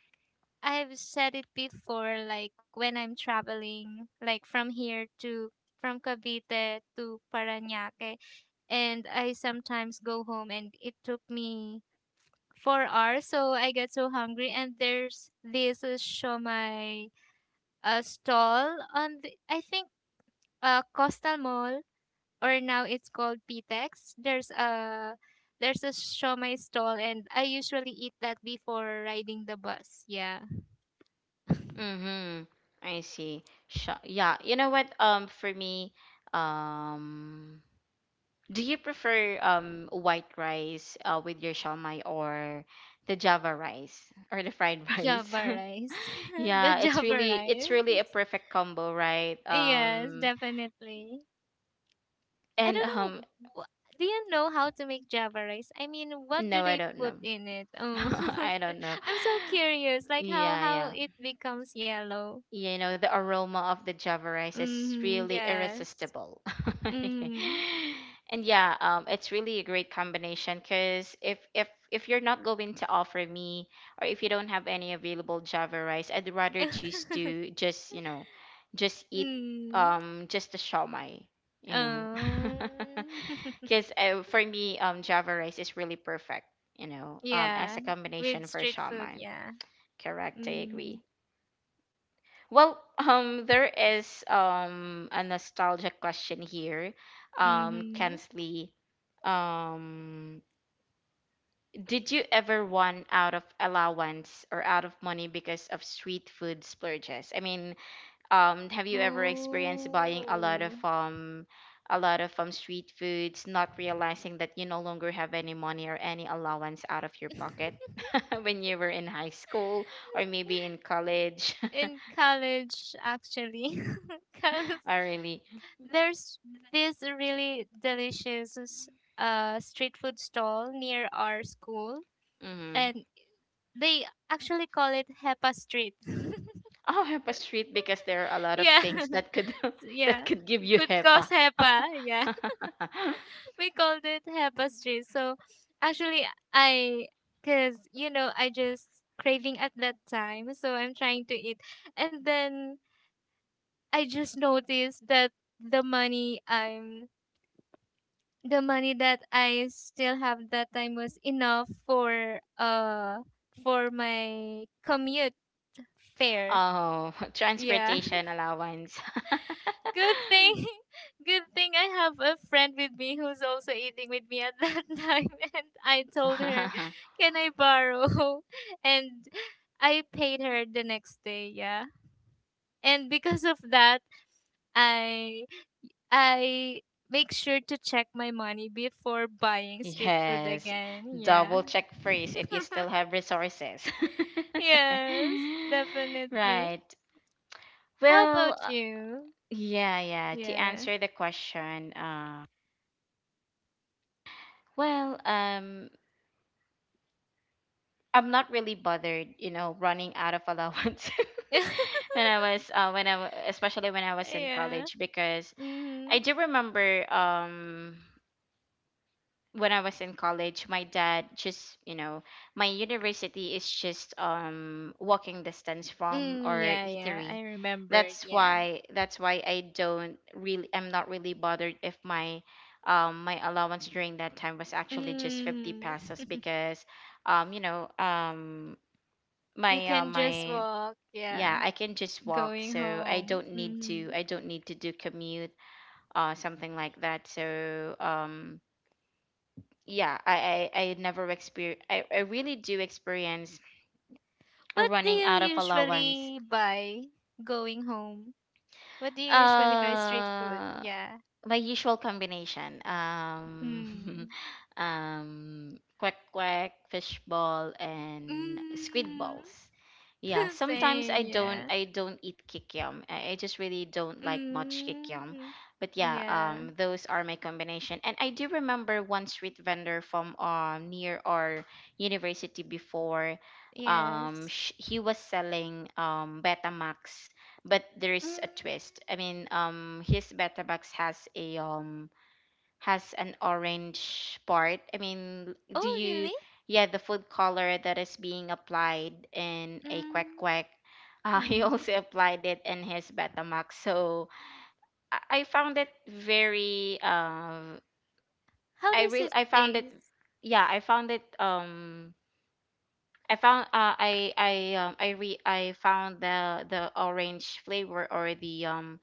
[SPEAKER 2] I've said it before, like when I'm traveling like from here to from Cavite to Parañaque, and I sometimes go home and it took me four hours, so I get so hungry, and there's this uh, shomai a stall on the, I think uh, Coastal Mall, or now it's called Pitex. There's a there's a shomai stall, and I usually eat that before riding the bus. Yeah,
[SPEAKER 1] Mm-hmm. I see. Sho- yeah, you know what, um, for me, um, do you prefer um white rice uh, with your Shomai, or the Java rice, or the fried rice?
[SPEAKER 2] Java rice, the
[SPEAKER 1] Yeah, it's
[SPEAKER 2] Java
[SPEAKER 1] really, it's
[SPEAKER 2] rice.
[SPEAKER 1] really a perfect combo, right?
[SPEAKER 2] Yes,
[SPEAKER 1] Um,
[SPEAKER 2] definitely. I
[SPEAKER 1] and
[SPEAKER 2] don't
[SPEAKER 1] um,
[SPEAKER 2] know. Wh- do you know how to make Java rice? I mean, what do
[SPEAKER 1] no, I
[SPEAKER 2] they
[SPEAKER 1] don't
[SPEAKER 2] put
[SPEAKER 1] know.
[SPEAKER 2] in it? Oh,
[SPEAKER 1] I don't know.
[SPEAKER 2] I'm so curious. Like how
[SPEAKER 1] Yeah,
[SPEAKER 2] how
[SPEAKER 1] yeah.
[SPEAKER 2] it becomes yellow.
[SPEAKER 1] You know, the aroma of the java rice is
[SPEAKER 2] Mm,
[SPEAKER 1] really
[SPEAKER 2] yes.
[SPEAKER 1] irresistible.
[SPEAKER 2] Mm.
[SPEAKER 1] And yeah, um, it's really a great combination cuz if if if you're not going to offer me, or if you don't have any available java rice, I'd rather choose to just, you know, just eat,
[SPEAKER 2] Mm.
[SPEAKER 1] um, just the shawmai, you know.
[SPEAKER 2] Um,
[SPEAKER 1] Because uh, for me, um, Java rice is really perfect, you know, um, as
[SPEAKER 2] yeah,
[SPEAKER 1] a
[SPEAKER 2] with
[SPEAKER 1] combination for
[SPEAKER 2] street food,
[SPEAKER 1] shawmai.
[SPEAKER 2] yeah.
[SPEAKER 1] Correct, I
[SPEAKER 2] Mm,
[SPEAKER 1] agree. Well, um, there is um a nostalgia question here, um,
[SPEAKER 2] mm-hmm.
[SPEAKER 1] Kensley. Um, did you ever run out of allowance or out of money because of street food splurges? I mean, um, have you ever experienced buying a lot of
[SPEAKER 2] Oh.
[SPEAKER 1] um a lot of um street foods, not realizing that you no longer have any money or any allowance out of your pocket when you were in high school or maybe in college?
[SPEAKER 2] In college, actually, because
[SPEAKER 1] I really
[SPEAKER 2] there's this really delicious s- uh street food stall near our school,
[SPEAKER 1] mm.
[SPEAKER 2] and they actually call it Hepa Street.
[SPEAKER 1] Oh, HEPA street because there are a lot
[SPEAKER 2] Yeah,
[SPEAKER 1] of things that could
[SPEAKER 2] yeah.
[SPEAKER 1] that could give
[SPEAKER 2] Good
[SPEAKER 1] you
[SPEAKER 2] cause
[SPEAKER 1] HEPA.
[SPEAKER 2] Hepa. Yeah. We called it tapestry. So actually, I, cause you know, I just craving at that time, so I'm trying to eat, and then I just noticed that the money I'm the money that I still have that time was enough for uh for my commute fare.
[SPEAKER 1] Oh,
[SPEAKER 2] Yeah.
[SPEAKER 1] transportation allowance.
[SPEAKER 2] Good thing good thing I have a friend with me who's also eating with me at that time, and I told her, can I borrow? And I paid her the next day. Yeah, and because of that, I I make sure to check my money before buying street food
[SPEAKER 1] Yes,
[SPEAKER 2] again. Yeah.
[SPEAKER 1] double check first if you still have resources.
[SPEAKER 2] Yes, definitely.
[SPEAKER 1] Right.
[SPEAKER 2] How
[SPEAKER 1] Well,
[SPEAKER 2] about
[SPEAKER 1] uh,
[SPEAKER 2] you?
[SPEAKER 1] yeah, yeah. To
[SPEAKER 2] Yeah.
[SPEAKER 1] answer the question, uh, well, um, I'm not really bothered, you know, running out of allowance when I was, uh, when I, wa- especially when I was in
[SPEAKER 2] Yeah.
[SPEAKER 1] college, because
[SPEAKER 2] Hmm.
[SPEAKER 1] I do remember, um, when I was in college, my dad just, you know, my university is just um walking distance from
[SPEAKER 2] Mm,
[SPEAKER 1] our
[SPEAKER 2] yeah, yeah. I
[SPEAKER 1] eatery.
[SPEAKER 2] remembered.
[SPEAKER 1] That's
[SPEAKER 2] Yeah.
[SPEAKER 1] why that's why I don't really, I'm not really bothered if my um my allowance during that time was actually just fifty
[SPEAKER 2] Mm.
[SPEAKER 1] pesos because um you know um
[SPEAKER 2] You
[SPEAKER 1] my uh,
[SPEAKER 2] can just
[SPEAKER 1] my,
[SPEAKER 2] walk.
[SPEAKER 1] yeah,
[SPEAKER 2] Yeah.
[SPEAKER 1] I can just walk,
[SPEAKER 2] Going
[SPEAKER 1] so I
[SPEAKER 2] home.
[SPEAKER 1] don't need
[SPEAKER 2] Mm-hmm.
[SPEAKER 1] to, I don't need to do commute uh something like that. So um, yeah, I I, I never experience. I, I really do experience
[SPEAKER 2] What do
[SPEAKER 1] running
[SPEAKER 2] you
[SPEAKER 1] out of allowance.
[SPEAKER 2] usually buy going home? What do you usually buy street food?
[SPEAKER 1] Uh,
[SPEAKER 2] Yeah.
[SPEAKER 1] my usual combination um
[SPEAKER 2] Mm.
[SPEAKER 1] um, quack quack, fish ball, and squid
[SPEAKER 2] Mm.
[SPEAKER 1] balls. Yeah, sometimes
[SPEAKER 2] Same.
[SPEAKER 1] i don't
[SPEAKER 2] Yeah.
[SPEAKER 1] I don't eat kikiam. i, I just really don't like much kikiam.
[SPEAKER 2] Mm.
[SPEAKER 1] But yeah,
[SPEAKER 2] Yeah.
[SPEAKER 1] um, those are my combination. And I do remember one street vendor from um near our university before, um
[SPEAKER 2] Yes.
[SPEAKER 1] sh- he was selling um betamax, but there is a
[SPEAKER 2] Mm.
[SPEAKER 1] twist. I mean, um, his beta has a um has an orange part. I mean, do
[SPEAKER 2] Oh,
[SPEAKER 1] you?
[SPEAKER 2] really?
[SPEAKER 1] Yeah, the food color that is being applied in a quack
[SPEAKER 2] Mm.
[SPEAKER 1] quack. Uh, he also applied it in his Betamax, so I, I found it very. Uh,
[SPEAKER 2] How
[SPEAKER 1] I
[SPEAKER 2] does
[SPEAKER 1] really
[SPEAKER 2] it
[SPEAKER 1] I found it.
[SPEAKER 2] taste?
[SPEAKER 1] Yeah, I found it. Um, I found. Uh, I I um, I re I found the the orange flavor or the um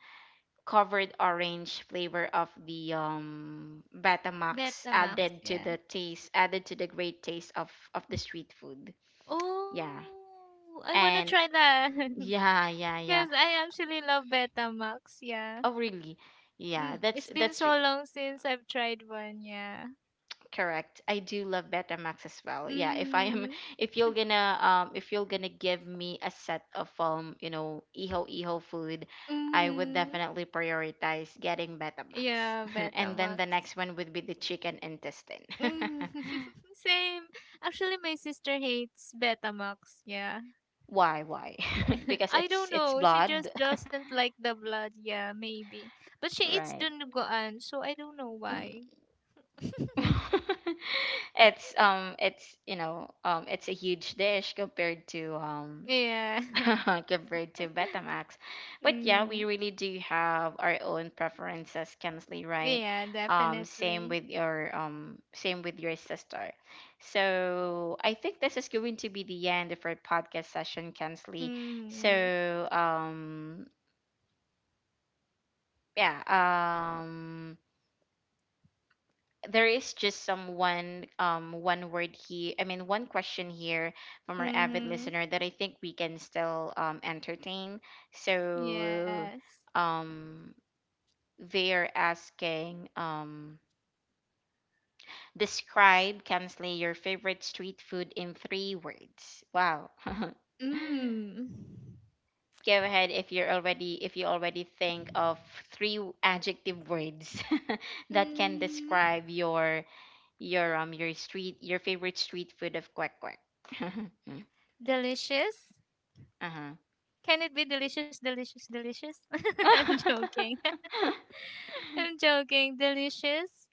[SPEAKER 1] covered orange flavor of the um Betamax
[SPEAKER 2] Betamax.
[SPEAKER 1] added to
[SPEAKER 2] Yeah.
[SPEAKER 1] the taste added to the great taste of of the street food. Yeah.
[SPEAKER 2] Oh, I wanna
[SPEAKER 1] And
[SPEAKER 2] try that because
[SPEAKER 1] yeah, yeah, yeah.
[SPEAKER 2] I actually love Betamax, yeah.
[SPEAKER 1] Oh really? Yeah,
[SPEAKER 2] Mm,
[SPEAKER 1] that's
[SPEAKER 2] it's been
[SPEAKER 1] that's re-
[SPEAKER 2] so long since I've tried one, yeah.
[SPEAKER 1] correct. I do love Betamax as well. Yeah, if I am
[SPEAKER 2] Mm-hmm.
[SPEAKER 1] if you're gonna um if you're gonna give me a set of um, you know, iho iho food, I would
[SPEAKER 2] Mm-hmm.
[SPEAKER 1] definitely prioritize getting Betamax.
[SPEAKER 2] Yeah,
[SPEAKER 1] And then
[SPEAKER 2] Betamax.
[SPEAKER 1] the next one would be the chicken intestine.
[SPEAKER 2] Mm-hmm. Same. Actually, my sister hates Betamax, yeah.
[SPEAKER 1] Why? Why? because
[SPEAKER 2] I
[SPEAKER 1] it's
[SPEAKER 2] don't
[SPEAKER 1] it's
[SPEAKER 2] know. She
[SPEAKER 1] blood,
[SPEAKER 2] just doesn't like the blood, yeah, maybe. But she eats
[SPEAKER 1] right?
[SPEAKER 2] Dunduguan, so I don't know why.
[SPEAKER 1] Mm. it's um it's you know um it's a huge dish compared to um
[SPEAKER 2] Yeah.
[SPEAKER 1] compared to Betamax, but yeah,
[SPEAKER 2] Mm.
[SPEAKER 1] we really do have our own preferences, Kensley, right?
[SPEAKER 2] Yeah,
[SPEAKER 1] Um, same
[SPEAKER 2] definitely.
[SPEAKER 1] with your um same with your sister. So I think this is going to be the end of our podcast session, Kensley. So
[SPEAKER 2] Mm.
[SPEAKER 1] um yeah um there is just some one um one word here I mean one question here from our avid
[SPEAKER 2] Mhm.
[SPEAKER 1] listener that I think we can still um entertain. so
[SPEAKER 2] Yes.
[SPEAKER 1] um they are asking, um, describe, Kensley, your favorite street food in three words. Wow. Go
[SPEAKER 2] Mm.
[SPEAKER 1] ahead if you're already if you already think of three adjective words that can
[SPEAKER 2] Mm.
[SPEAKER 1] describe your your um your street your favorite street food of quack quack.
[SPEAKER 2] Delicious?
[SPEAKER 1] Uh-huh.
[SPEAKER 2] Can it be delicious, delicious, delicious? I'm joking. I'm joking. Delicious.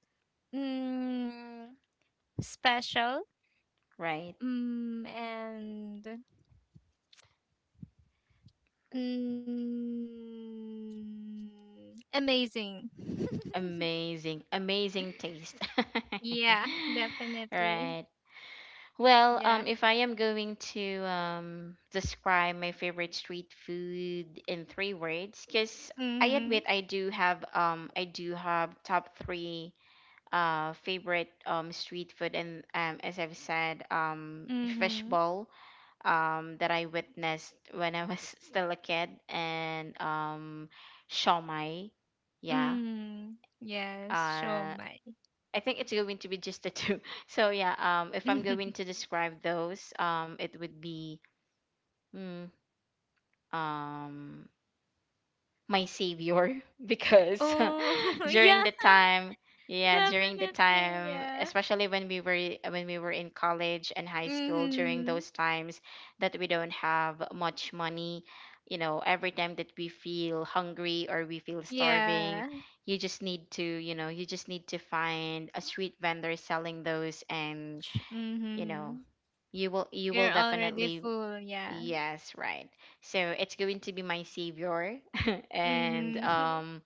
[SPEAKER 2] Mm. Special.
[SPEAKER 1] Right.
[SPEAKER 2] Mm. And mm. Amazing.
[SPEAKER 1] Amazing. Amazing taste.
[SPEAKER 2] Yeah, definitely.
[SPEAKER 1] Right. Well, um
[SPEAKER 2] Yeah.
[SPEAKER 1] if I am going to um describe my favorite street food in three words, cuz I
[SPEAKER 2] Mhm.
[SPEAKER 1] admit I do have um I do have top three uh favorite um street food. And um as I've said, um
[SPEAKER 2] Mhm.
[SPEAKER 1] fishbowl, um, that I witnessed when I was still a kid, and um, shawmai. Yeah,
[SPEAKER 2] Mm, yes,
[SPEAKER 1] uh,
[SPEAKER 2] siomai.
[SPEAKER 1] I think it's going to be just the two. So yeah, um, if I'm going to describe those, um, it would be hmm, um, my savior, because
[SPEAKER 2] Oh,
[SPEAKER 1] during
[SPEAKER 2] yeah,
[SPEAKER 1] the time, yeah, during the
[SPEAKER 2] definitely,
[SPEAKER 1] time,
[SPEAKER 2] yeah.
[SPEAKER 1] especially when we were when we were in college and high school during
[SPEAKER 2] Mm-hmm.
[SPEAKER 1] those times that we don't have much money. You know, every time that we feel hungry or we feel starving,
[SPEAKER 2] Yeah.
[SPEAKER 1] you just need to you know you just need to find a street vendor selling those, and
[SPEAKER 2] Ch-
[SPEAKER 1] you know,
[SPEAKER 2] mm-hmm.
[SPEAKER 1] you will you
[SPEAKER 2] You're
[SPEAKER 1] will
[SPEAKER 2] already
[SPEAKER 1] definitely.
[SPEAKER 2] full, yeah.
[SPEAKER 1] Yes, right. So it's going to be my savior, and
[SPEAKER 2] Mm-hmm.
[SPEAKER 1] um,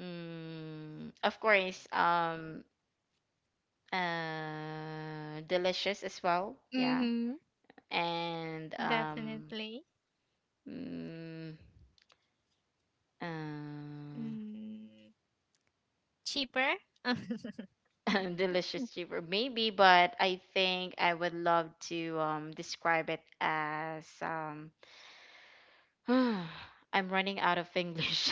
[SPEAKER 1] mm, of course, um, uh, delicious as well. Yeah,
[SPEAKER 2] Mm-hmm.
[SPEAKER 1] and um,
[SPEAKER 2] Definitely.
[SPEAKER 1] mm, uh,
[SPEAKER 2] Mm. Cheaper?
[SPEAKER 1] delicious, cheaper maybe, but I think I would love to um describe it as um. I'm running out of English.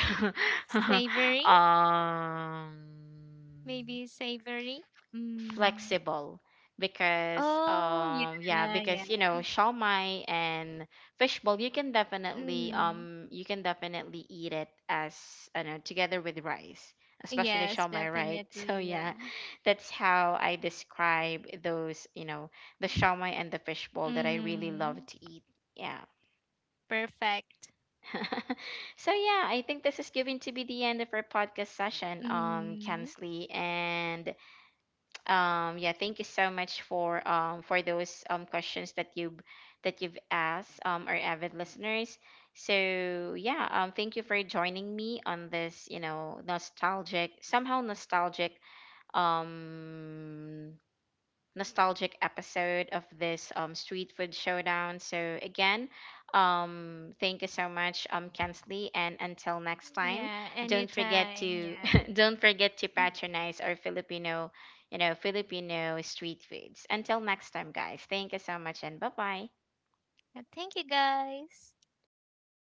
[SPEAKER 2] Savory?
[SPEAKER 1] Um.
[SPEAKER 2] Maybe savory? Mm.
[SPEAKER 1] Flexible, because
[SPEAKER 2] Oh,
[SPEAKER 1] um yeah,
[SPEAKER 2] yeah, yeah.
[SPEAKER 1] because you know, shawmai and fishbowl, you can definitely
[SPEAKER 2] Mm.
[SPEAKER 1] um you can definitely eat it, as I know, together with rice, especially
[SPEAKER 2] Yes,
[SPEAKER 1] shawmai, right?
[SPEAKER 2] definitely,
[SPEAKER 1] So yeah,
[SPEAKER 2] yeah.
[SPEAKER 1] that's how I describe those, you know, the shawmai and the fishbowl that I really
[SPEAKER 2] Mm-hmm.
[SPEAKER 1] love to eat, yeah.
[SPEAKER 2] Perfect.
[SPEAKER 1] So yeah, I think this is going to be the end of our podcast session, um,
[SPEAKER 2] Hmm.
[SPEAKER 1] Kansley. And um, yeah, thank you so much for um for those um questions that you that you've asked, um, our avid listeners. So yeah, um, thank you for joining me on this, you know, nostalgic, somehow nostalgic um nostalgic episode of this, um, Street Food Showdown. So again, um, thank you so much, um, Kensley. And until next time,
[SPEAKER 2] Yeah,
[SPEAKER 1] don't forget
[SPEAKER 2] anytime.
[SPEAKER 1] to
[SPEAKER 2] Yeah.
[SPEAKER 1] don't forget to patronize our Filipino, you know, Filipino street foods. Until next time, guys. Thank you so much, and bye bye.
[SPEAKER 2] Uh, thank you, guys.